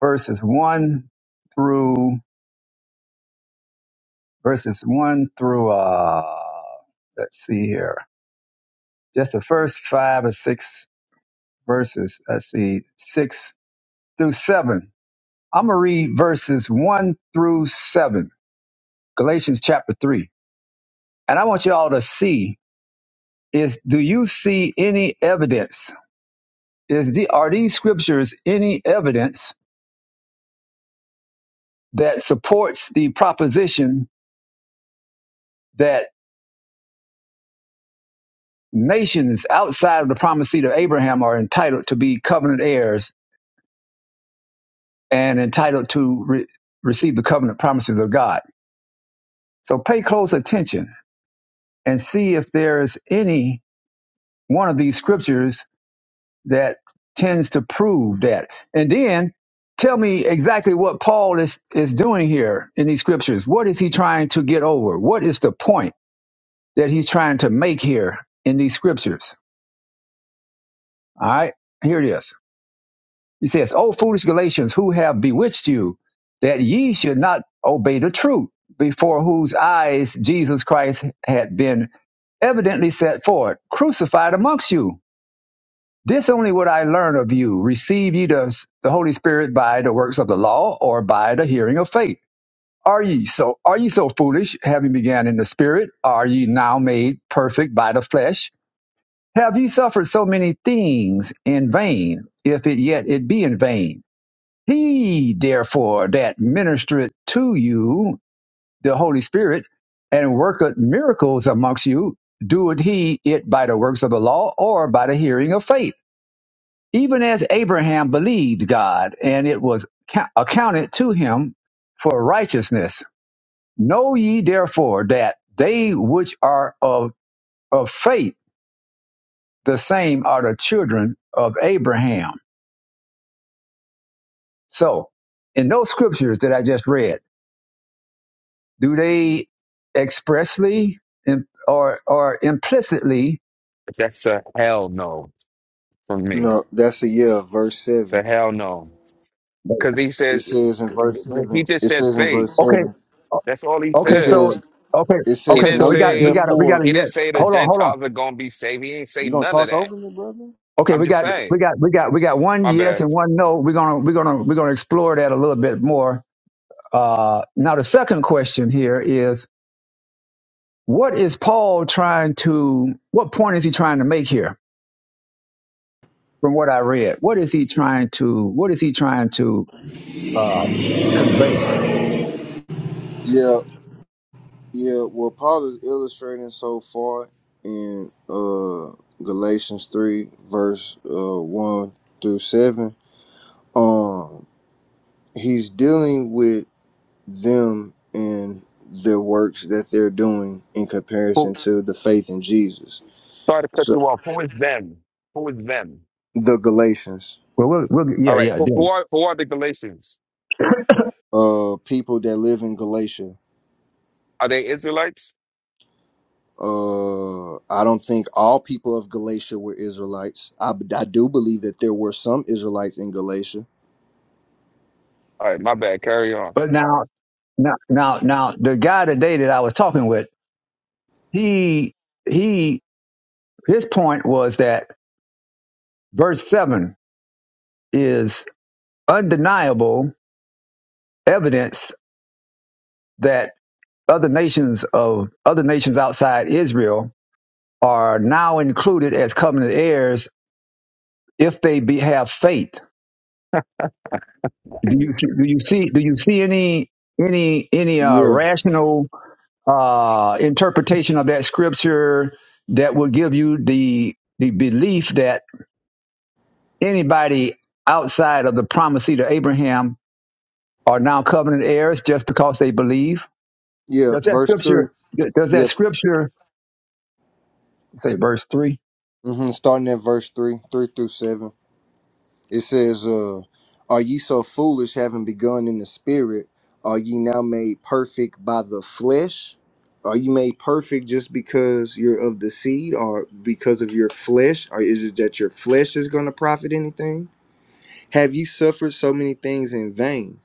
verses one through verses one through uh, let's see here, just the first five or six verses. Let's see, six through seven. I'm going to read verses one through seven. Galatians chapter 3. And I want you all to see is do you see any evidence? Is the are these scriptures any evidence that supports the proposition that nations outside of the promised seed of Abraham are entitled to be covenant heirs and entitled to re- receive the covenant promises of God? So pay close attention and see if there is any one of these scriptures that tends to prove that. And then tell me exactly what Paul is, is doing here in these scriptures. What is he trying to get over? What is the point that he's trying to make here in these scriptures? All right, here it is. He says, O foolish Galatians, who have bewitched you that ye should not obey the truth, before whose eyes Jesus Christ had been evidently set forth, crucified amongst you. This only would I learn of you. Receive ye the, the Holy Spirit by the works of the law or by the hearing of faith? Are ye so are ye so foolish, having began in the spirit? Are ye now made perfect by the flesh? Have ye suffered so many things in vain, if it yet it be in vain? He therefore that ministereth to you the Holy Spirit and worketh miracles amongst you, doeth he it by the works of the law or by the hearing of faith? even as Abraham believed God, and it was count- accounted to him for righteousness. Know ye therefore that they which are of, of faith, the same are the children of Abraham. So, in those scriptures that I just read, do they expressly im- or or implicitly? That's a hell no from me. No, that's a yeah, verse It's a seven. hell no. Cause he It said says in verse but he seven. just It said says in faith. verse Okay, seven. That's all he It okay, said. so says okay, it He okay, says, didn't so Know we got ye we say got a- we therefore got a he yes. didn't say the Hold on, hold on. Gentiles are gonna be saved. He ain't say you gonna none of talk that. over me, brother? Okay, I'm we just got we saying. got we got we got one My yes bad. and one no. We're gonna we're gonna we're gonna explore that a little bit more. Uh, now the second question here is what is Paul trying to what point is he trying to make here from what I read? What is he trying to what is he trying to uh, convey? Yeah. Yeah, what Paul is illustrating so far in uh Galatians three verse uh one through seven. Um, he's dealing with them and the works that they're doing in Who, comparison to the faith in Jesus. sorry to cut So you off. Who is them? Who is them? the Galatians, Well, we'll, we'll All yeah right. yeah Who, who do. are who are the Galatians? uh, people that live in Galatia. Are they Israelites? Uh, I don't think all people of Galatia were Israelites. I, I do believe that there were some Israelites in Galatia. All right. My bad. Carry on. But now now now now the guy today that I was talking with he he his point was that verse seven is undeniable evidence that other nations of other nations outside Israel are now included as covenant heirs if they be, have faith. Do you do you see do you see any any any uh, Yeah, rational uh, interpretation of that scripture that will give you the the belief that anybody outside of the promise seed of Abraham are now covenant heirs just because they believe? Yeah, Does that verse scripture three. does that Yes, scripture say verse three? hmm starting at verse three, three through seven. It says, uh, "Are ye so foolish, having begun in the spirit? Are ye now made perfect by the flesh? Are you made perfect just because you're of the seed, or because of your flesh, or is it that your flesh is going to profit anything? Have ye suffered so many things in vain?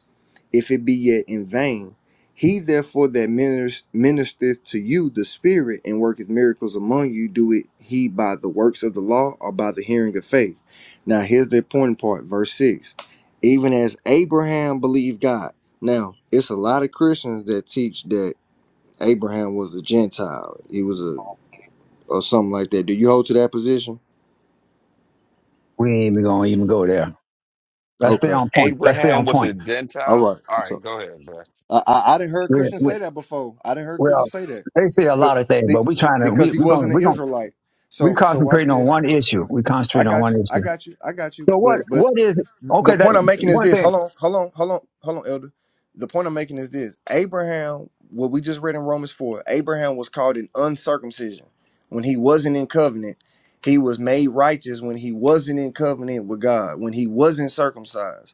if it be yet in vain. He therefore that minis- ministereth to you the Spirit and worketh miracles among you, do it he by the works of the law or by the hearing of faith. Now here's the important part, verse 6. Even as Abraham believed God. Now, it's a lot of Christians that teach that Abraham was a Gentile. He was a or something like that. Do you hold to that position? We ain't even gonna even go there. Let's stay Okay. on point. Let's stay Abraham on was a point. All Gentile. right. All So right. Go ahead, bro. I I, I didn't heard We, Christians we, say that before. I didn't heard well, Christians say that. they say a 'Cause- lot of things, be- but we trying to because we he we gonna wasn't an we gonna Israelite. we So so watch concentrating on this. one issue. We I concentrating on got one you. I issue. got you. I got you. So what But but what is the okay? That point I'm making is one this. thing. Hold on. Hold on. Hold on. Hold on, Elder. The point I'm making is this. Abraham, what we just read in Romans 4, Abraham was called an uncircumcision when he wasn't in covenant. He was made righteous when he wasn't in covenant with God, when he wasn't circumcised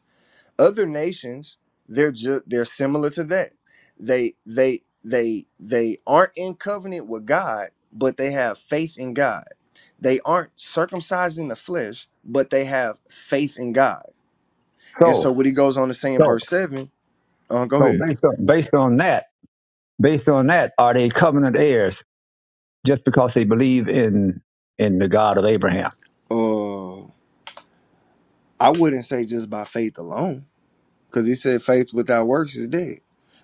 other nations they're just they're similar to that they they they they aren't in covenant with god but they have faith in god they aren't circumcised in the flesh but they have faith in god and So so what he goes on to say in so verse 7 uh, go so ahead based on based on that based on that are they covenant heirs just because they believe in in the God of Abraham? uh i wouldn't say just by faith alone because he said faith without works is dead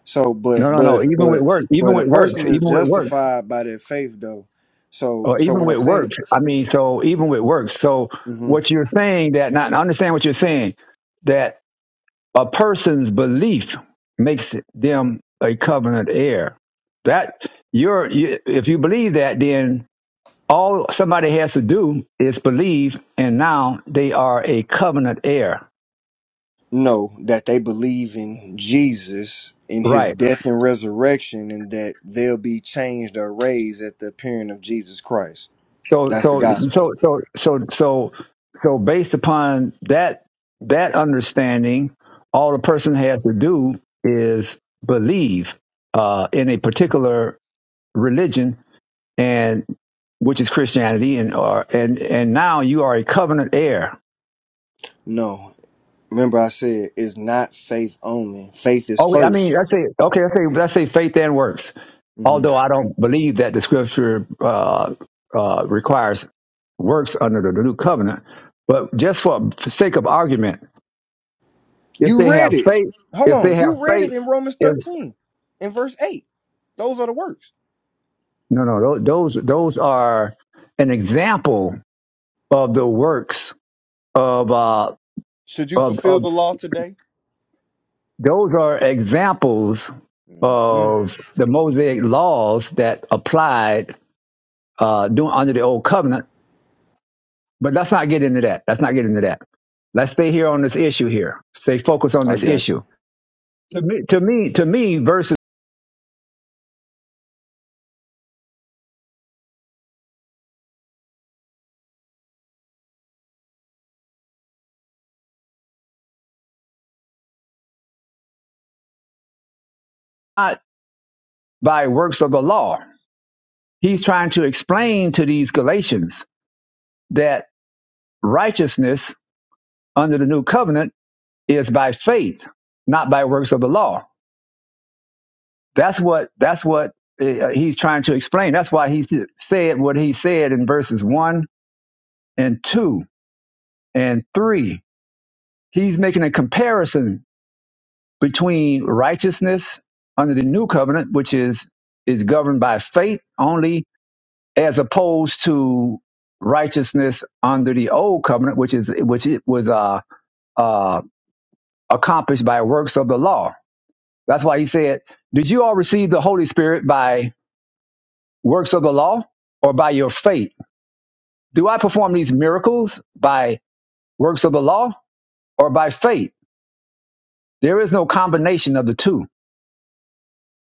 so but No no no. but Even with but work even but a with person works is even with works justified by their faith though so or so even what i'm with saying works. I mean, so even with works. So what you're saying that not I understand what you're saying that a person's belief makes them a covenant heir. That you're you, if you believe that, then all somebody has to do is believe, and now they are a covenant heir. No, that they believe in Jesus, in Right. his death and resurrection, and that they'll be changed or raised at the appearing of Jesus Christ. So That's the so gospel. so so so so so based upon that that understanding, all the person has to do is believe uh, in a particular religion and which is Christianity and or and and now you are a covenant heir. No, remember I said it's not faith only. Faith is Oh, wait, I mean, 1st I say okay, I say let's say faith and works. Although I don't believe that the scripture uh, uh, requires works under the new covenant, but just for sake of argument, If You they read have it. faith, Hold if they on. have You read it faith, in Romans if 13 in verse 8. Those are the works. no, no, tho- those those are an example of the works of uh Should you of, fulfill of the law today? those are examples Mm-mm. of the Mosaic laws that applied uh doing under the old covenant. But let's not get into that. Let's not get into that. Let's stay here on this issue here. Stay focused on I this got you. issue. To me, to me, to me, verses not by works of the law. He's trying to explain to these Galatians that righteousness under the new covenant is by faith, not by works of the law. That's what that's what eh, uh, he's trying to explain. That's why he said what he said in verses one and two and three. He's making a comparison between righteousness under the new covenant, which is is governed by faith only, as opposed to righteousness under the old covenant, which is which it was uh, uh, accomplished by works of the law That's why he said, Did you all receive the Holy Spirit by works of the law or by your faith? Do I perform these miracles by works of the law or by faith? There is no combination of the two.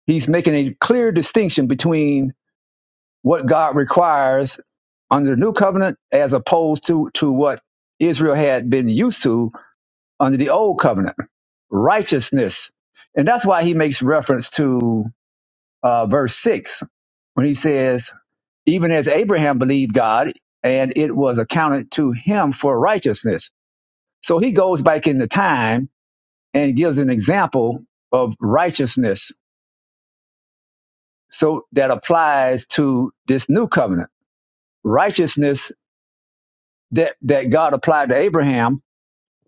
He's making a clear distinction between what God requires under the new covenant as opposed to, to what Israel had been used to under the old covenant righteousness. And that's why he makes reference to uh, verse 6 when he says, even as Abraham believed God, and it was accounted to him for righteousness. So he goes back into time and gives an example of righteousness. So that applies to this new covenant. Righteousness that, that God applied to Abraham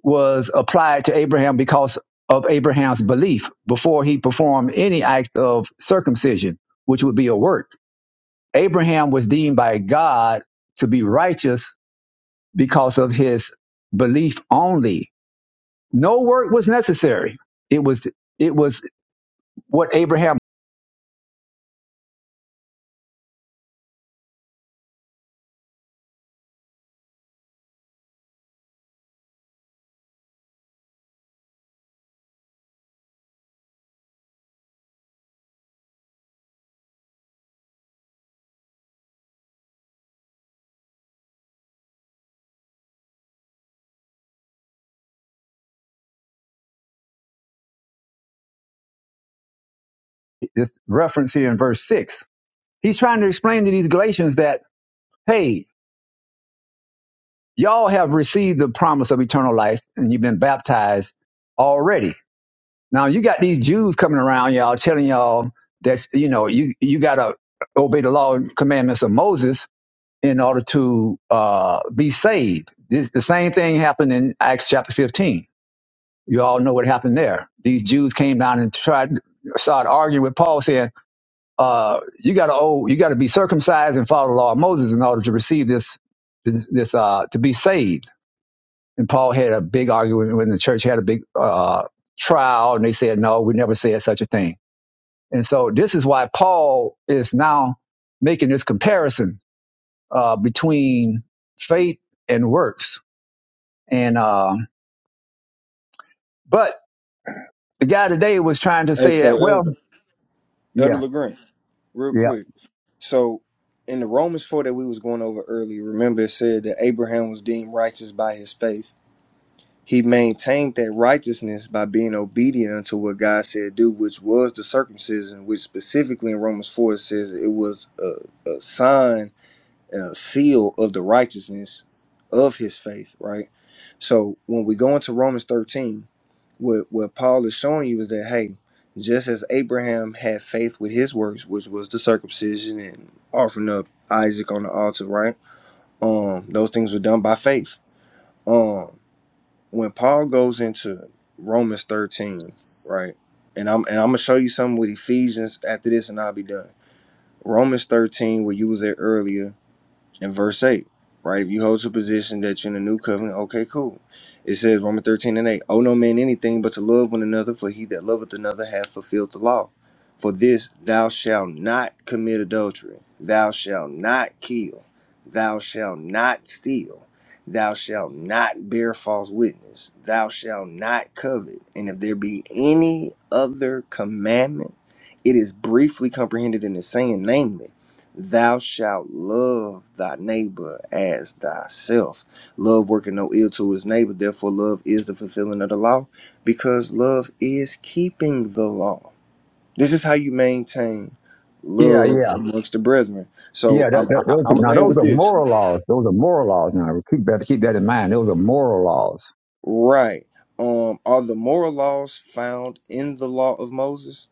was applied to Abraham because of Abraham's belief before he performed any act of circumcision, which would be a work. Abraham was deemed by God to be righteous because of his belief only. No work was necessary. It was it was what Abraham is referenced here in verse six. He's trying to explain to these Galatians that, hey, y'all have received the promise of eternal life and you've been baptized already. Now you got these Jews coming around y'all telling y'all that you know you you gotta obey the law and commandments of Moses in order to uh, be saved. This, the same thing happened in Acts chapter 15 You all know what happened there. These Jews came down and tried started arguing with Paul, saying, uh, "You got to oh, you got to be circumcised and follow the law of Moses in order to receive this, this uh, to be saved." And Paul had a big argument when the church had a big uh, trial, and they said, "No, we never said such a thing." And so this is why Paul is now making this comparison uh, between faith and works. And uh, but the guy today was trying to Hey, say so that, well, Elder, Elder yeah, LeGrand, real Yeah, quick. So in the Romans 4 that we was going over earlier, remember it said that Abraham was deemed righteous by his faith. He maintained that righteousness by being obedient unto what God said do, which was the circumcision, which specifically in Romans 4 it says it was a, a sign uh, seal of the righteousness of his faith, right? So when we go into Romans 13, what, what Paul is showing you is that, hey, just as Abraham had faith with his works, which was the circumcision and offering up Isaac on the altar, right? Um, those things were done by faith. Um, when Paul goes into Romans 13, right? And I'm and I'm gonna show you something with Ephesians after this, and I'll be done. Romans 13, where you was there earlier, in verse 8, right? If you hold to a position that you're in a new covenant, okay, cool. It says, Romans 13 and 8, owe no man anything but to love one another, for he that loveth another hath fulfilled the law. For this, thou shalt not commit adultery, thou shalt not kill, thou shalt not steal, thou shalt not bear false witness, thou shalt not covet. And if there be any other commandment, it is briefly comprehended in the saying, namely, Thou shalt love thy neighbor as thyself. Love working no ill to his neighbor. Therefore, love is the fulfilling of the law because love is keeping the law. This is how you maintain Yeah, love yeah, amongst the brethren. So yeah. That, I'm that, I, those I'm are, gonna now land those with are this. moral laws. Those are moral laws. Now keep better keep that in mind. Those are moral laws. Right. Um. Are the moral laws found in the law of Moses?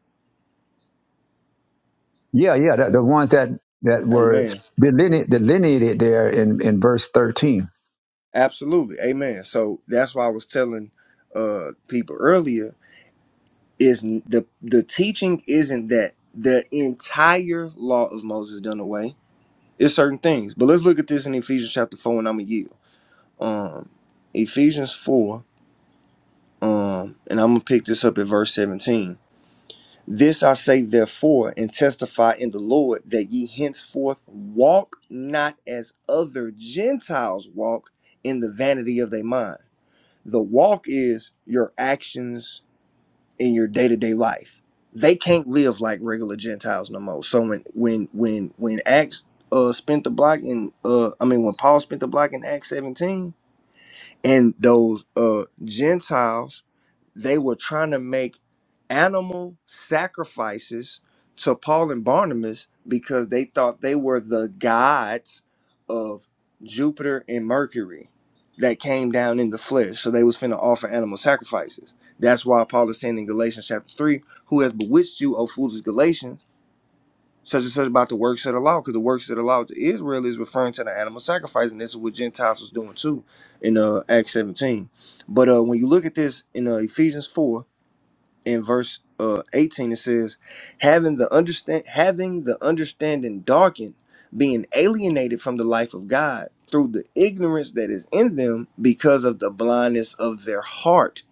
Yeah, yeah. That, the ones that that were Amen. delineated, delineated there in in verse thirteen. Absolutely. Amen. So that's why I was telling uh people earlier is the the teaching isn't that the entire law of Moses done away. It's certain things, but let's look at this in Ephesians chapter four, and I'm gonna yield. Um, Ephesians four, um, and I'm gonna pick this up at verse seventeen. This I say therefore, and testify in the Lord that ye henceforth walk not as other Gentiles walk in the vanity of their mind. The walk is your actions, in your day-to-day life they can't live like regular gentiles no more so when when when when acts uh spent the block in uh i mean when paul spent the block in acts 17 and those uh gentiles they were trying to make animal sacrifices to paul and barnabas because they thought they were the gods of jupiter and mercury that came down in the flesh so they was finna offer animal sacrifices that's why paul is saying in galatians chapter 3 who has bewitched you o foolish galatians such and such about the works of the law, because the works of the law to Israel is referring to the animal sacrifice, and this is what Gentiles was doing too in uh, Acts 17. But uh, when you look at this in uh, Ephesians 4, in verse uh, 18 it says having the understand having the understanding darkened being alienated from the life of god through the ignorance that is in them because of the blindness of their heart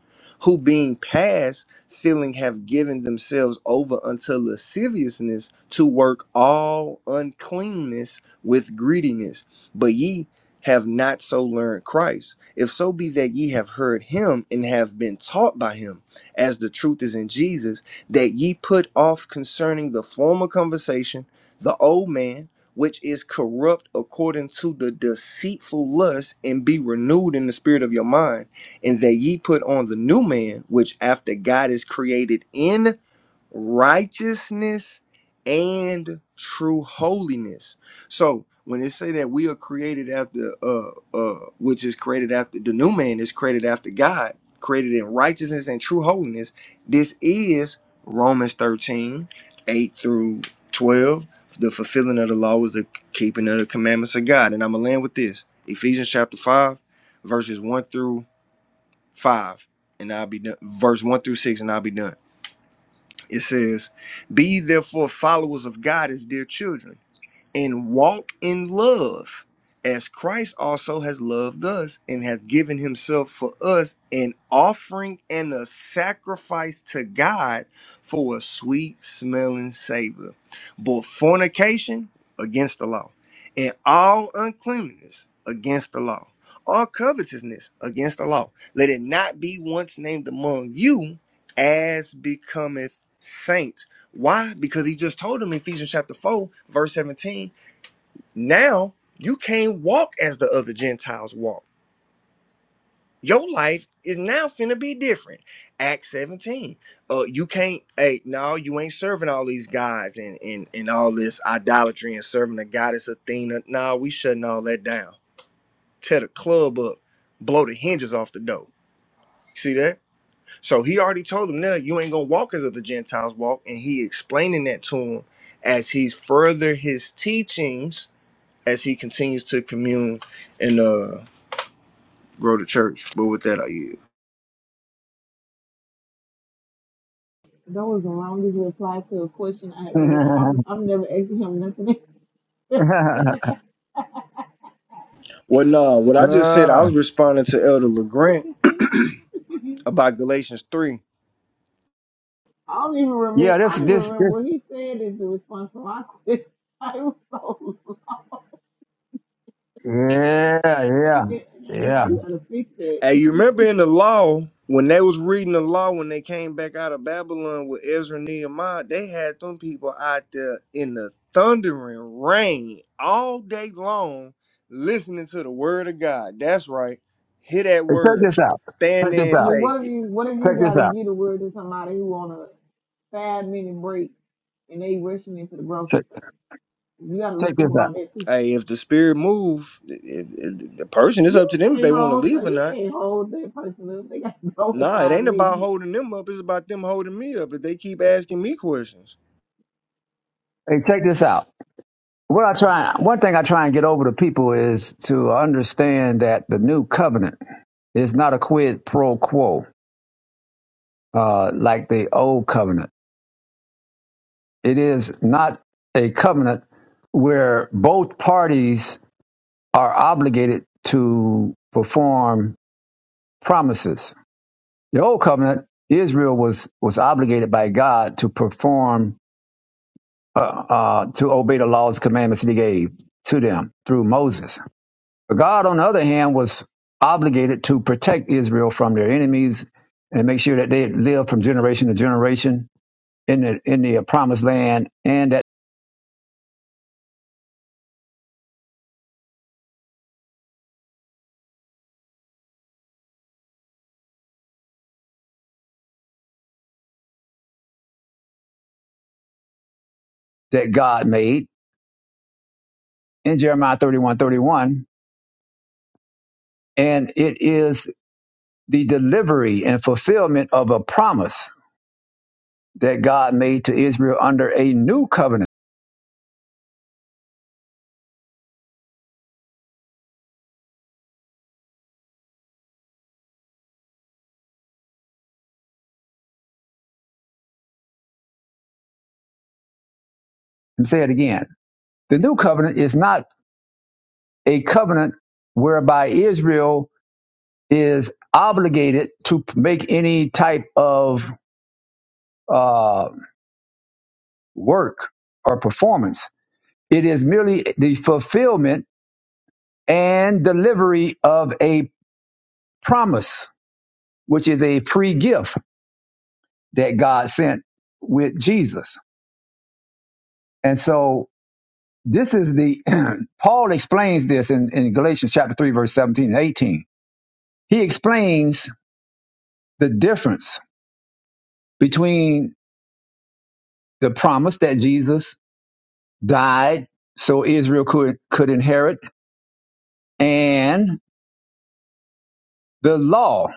who being past feeling have given themselves over unto lasciviousness to work all uncleanness with greediness but ye have not so learned christ if so be that ye have heard him and have been taught by him as the truth is in Jesus, that ye put off concerning the former conversation, the old man, which is corrupt according to the deceitful lust, and be renewed in the spirit of your mind, and that ye put on the new man, which after God is created in righteousness and true holiness. So when they say that we are created after uh uh which is created after the new man is created after God, created in righteousness and true holiness, this is Romans 13, 8 through 12. The fulfilling of the law is the keeping of the commandments of God. And I'm gonna land with this. Ephesians chapter 5, verses 1 through 5, and I'll be done. Verse 1 through 6, and I'll be done. It says, Be ye therefore followers of God as dear children and walk in love as Christ also has loved us and hath given himself for us an offering and a sacrifice to God for a sweet smelling savor. But fornication against the law, and all uncleanness against the law, all covetousness against the law. Let it not be once named among you as becometh saints why? Because he just told him in Ephesians chapter 4, verse 17, now you can't walk as the other Gentiles walk. Your life is now finna be different. Acts 17. Uh you can't hey, no, you ain't serving all these gods and and, and all this idolatry and serving the goddess Athena. No, we shutting all that down. Tear the club up, blow the hinges off the door. See that? So he already told him, no, you ain't gonna walk as the Gentiles walk. And he explaining that to him as he's further his teachings as he continues to commune and uh grow the church. But with that, I yield. That was the longest reply to a question I ever. <laughs> I'm, I'm never asking him nothing. Well, no, what I just said, I Uh, was responding to Elder LeGrant about Galatians 3. <laughs> I don't even remember. yeah, I this don't even this remember this. what he said is the response to my question. <laughs> I was so. Yeah, yeah, I mean, yeah. I gotta fix it. Hey, you remember in the law when they was reading the law when they came back out of Babylon with Ezra and Nehemiah, they had them people out there in the thundering rain all day long, listening to the word of God. That's right. Hear that Hey, check word. this out. Stand Check this there and Well, out. take what if it. you what if Check you this gotta out. get a word to somebody who on a five minute break and they rushing into the grocery Check, store? You gotta check think this out. about that too. Hey, if the spirit moves it- it- it- the person it's up You to them if can't they want to hold leave like, or you not. can't hold that person up. They gotta <laughs> go in Nah, it five ain't minutes. about holding them up. It's about them holding me up. If they keep asking me questions. Hey, check this out. What I try, one thing I try and get over to people is to understand that the new covenant. It's not a quid pro quo uh, like the old covenant. It is not a covenant where both parties are obligated to perform promises. The old covenant, Israel was was obligated by God to perform uh, uh, to obey the laws, commandments that He gave to them through Moses. But God, on the other hand, was obligated to protect Israel from their enemies and make sure that they live from generation to generation in the in the uh, promised land and that that God made in Jeremiah 31 31 And it is the delivery and fulfillment of a promise that God made to Israel under a new covenant. Let me say it again. The new covenant is not a covenant whereby Israel is obligated to make any type of uh, work or performance. It is merely the fulfillment and delivery of a promise, which is a free gift that God sent with Jesus. And so this is the, <clears throat> Paul explains this in, in Galatians chapter 3, verse 17 and 18. He explains the difference between the promise that Jesus died so Israel could, could inherit and the law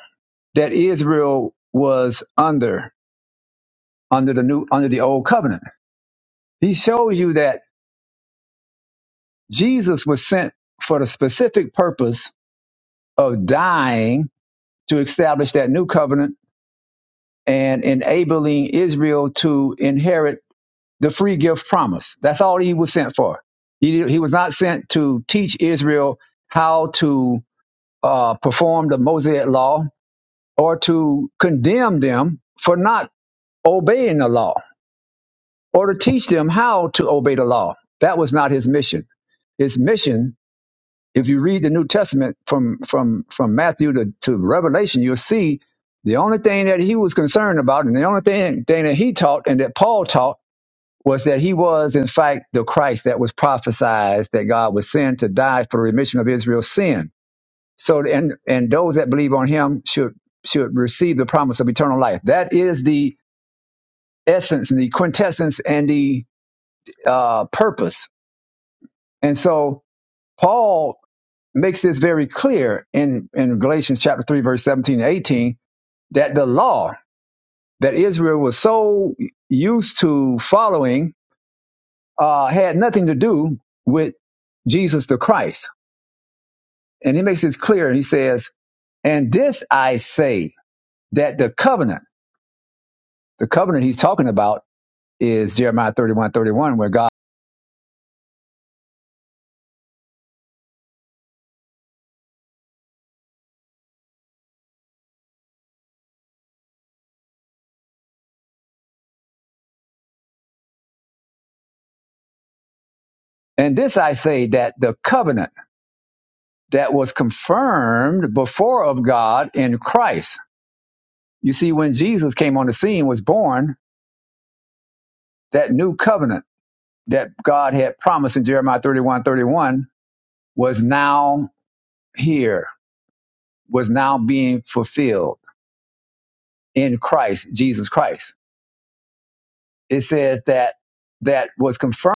that Israel was under, under the new, under the old covenant. He shows you that Jesus was sent for the specific purpose of dying to establish that new covenant and enabling Israel to inherit the free gift promise. That's all he was sent for. He, he was not sent to teach Israel how to uh, perform the Mosaic law or to condemn them for not obeying the law or to teach them how to obey the law. That was not his mission. His mission If you read the New Testament from from from Matthew to, to Revelation, you'll see the only thing that he was concerned about, and the only thing, thing that he taught and that Paul taught was that he was in fact the Christ that was prophesied that God would send to die for the remission of Israel's sin. So and and those that believe on him should should receive the promise of eternal life. That is the essence and the quintessence and the uh, purpose. And so Paul makes this very clear in, in Galatians chapter 3, verse 17 and 18, that the law that Israel was so used to following uh, had nothing to do with Jesus the Christ. And he makes this clear and he says, And this I say, that the covenant, the covenant he's talking about is Jeremiah 31 31 where God, and this I say, that the covenant that was confirmed before of God in Christ. You see, when Jesus came on the scene, was born, that new covenant that God had promised in Jeremiah 31 31 was now here, was now being fulfilled in Christ, Jesus Christ. It says that that was confirmed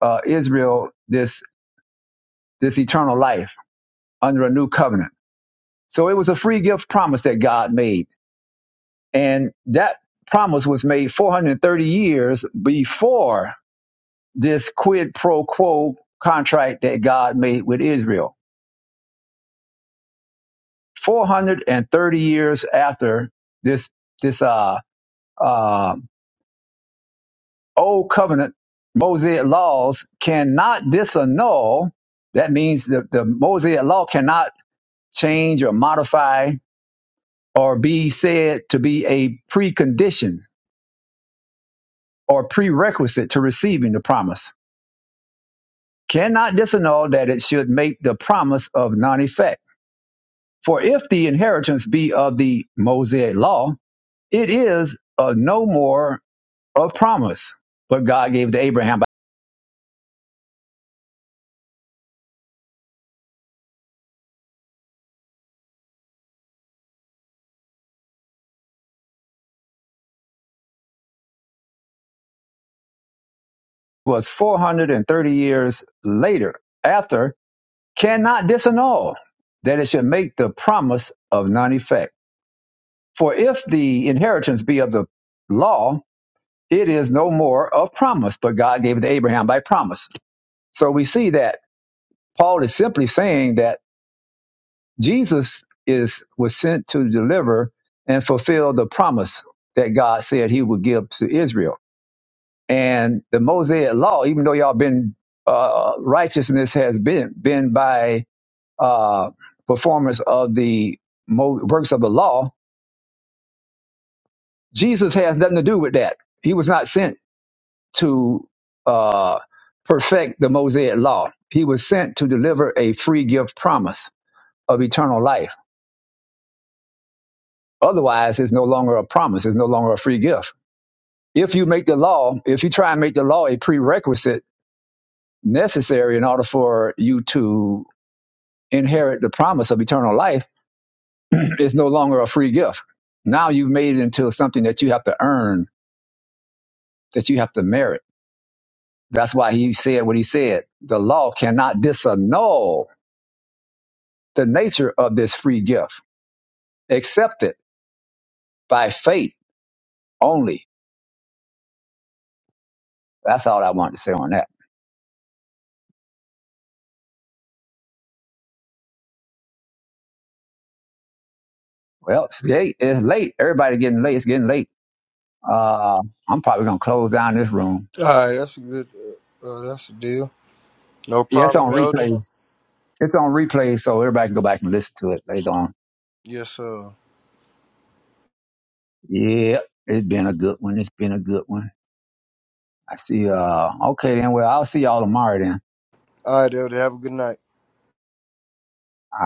uh, Israel this this eternal life under a new covenant. So it was a free gift promise that God made. And that promise was made 430 years before this quid pro quo contract that God made with Israel 430 years after this this uh, uh, old covenant Mosaic laws cannot disannul. That means the, the Mosaic law cannot change or modify or be said to be a precondition or prerequisite to receiving the promise. Cannot disannul that it should make the promise of non effect. For if the inheritance be of the Mosaic law, it is of no more of promise, but God gave to Abraham. It was 430 years later, after cannot disannul, that it should make the promise of none effect. For if the inheritance be of the law, it is no more of promise, but God gave it to Abraham by promise. So we see that Paul is simply saying that Jesus is was sent to deliver and fulfill the promise that God said he would give to Israel. And the Mosaic law, even though y'all been uh, righteousness has been been by uh, performance of the mo- works of the law, Jesus has nothing to do with that. He was not sent to uh, perfect the Mosaic law. He was sent to deliver a free gift promise of eternal life. Otherwise, it's no longer a promise. It's no longer a free gift. If you make the law, if you try and make the law a prerequisite necessary in order for you to inherit the promise of eternal life <clears throat> is no longer a free gift. Now you've made it into something that you have to earn, that you have to merit. That's why he said what he said. The law cannot disannul the nature of this free gift. Accept it by faith only. That's all I wanted to say on that. Well, it's late. It's late. Everybody getting late. It's getting late. Uh, I'm probably gonna close down this room. All right, that's a good. Uh, uh, that's a deal. No Yeah, it's problem, on Elder. replays. It's on replays, so everybody can go back and listen to it later on. Yes, sir. Yeah, it's been a good one. It's been a good one. I see. Uh, okay then. Well, I'll see y'all tomorrow then. All right, Elder. Have a good night. All right.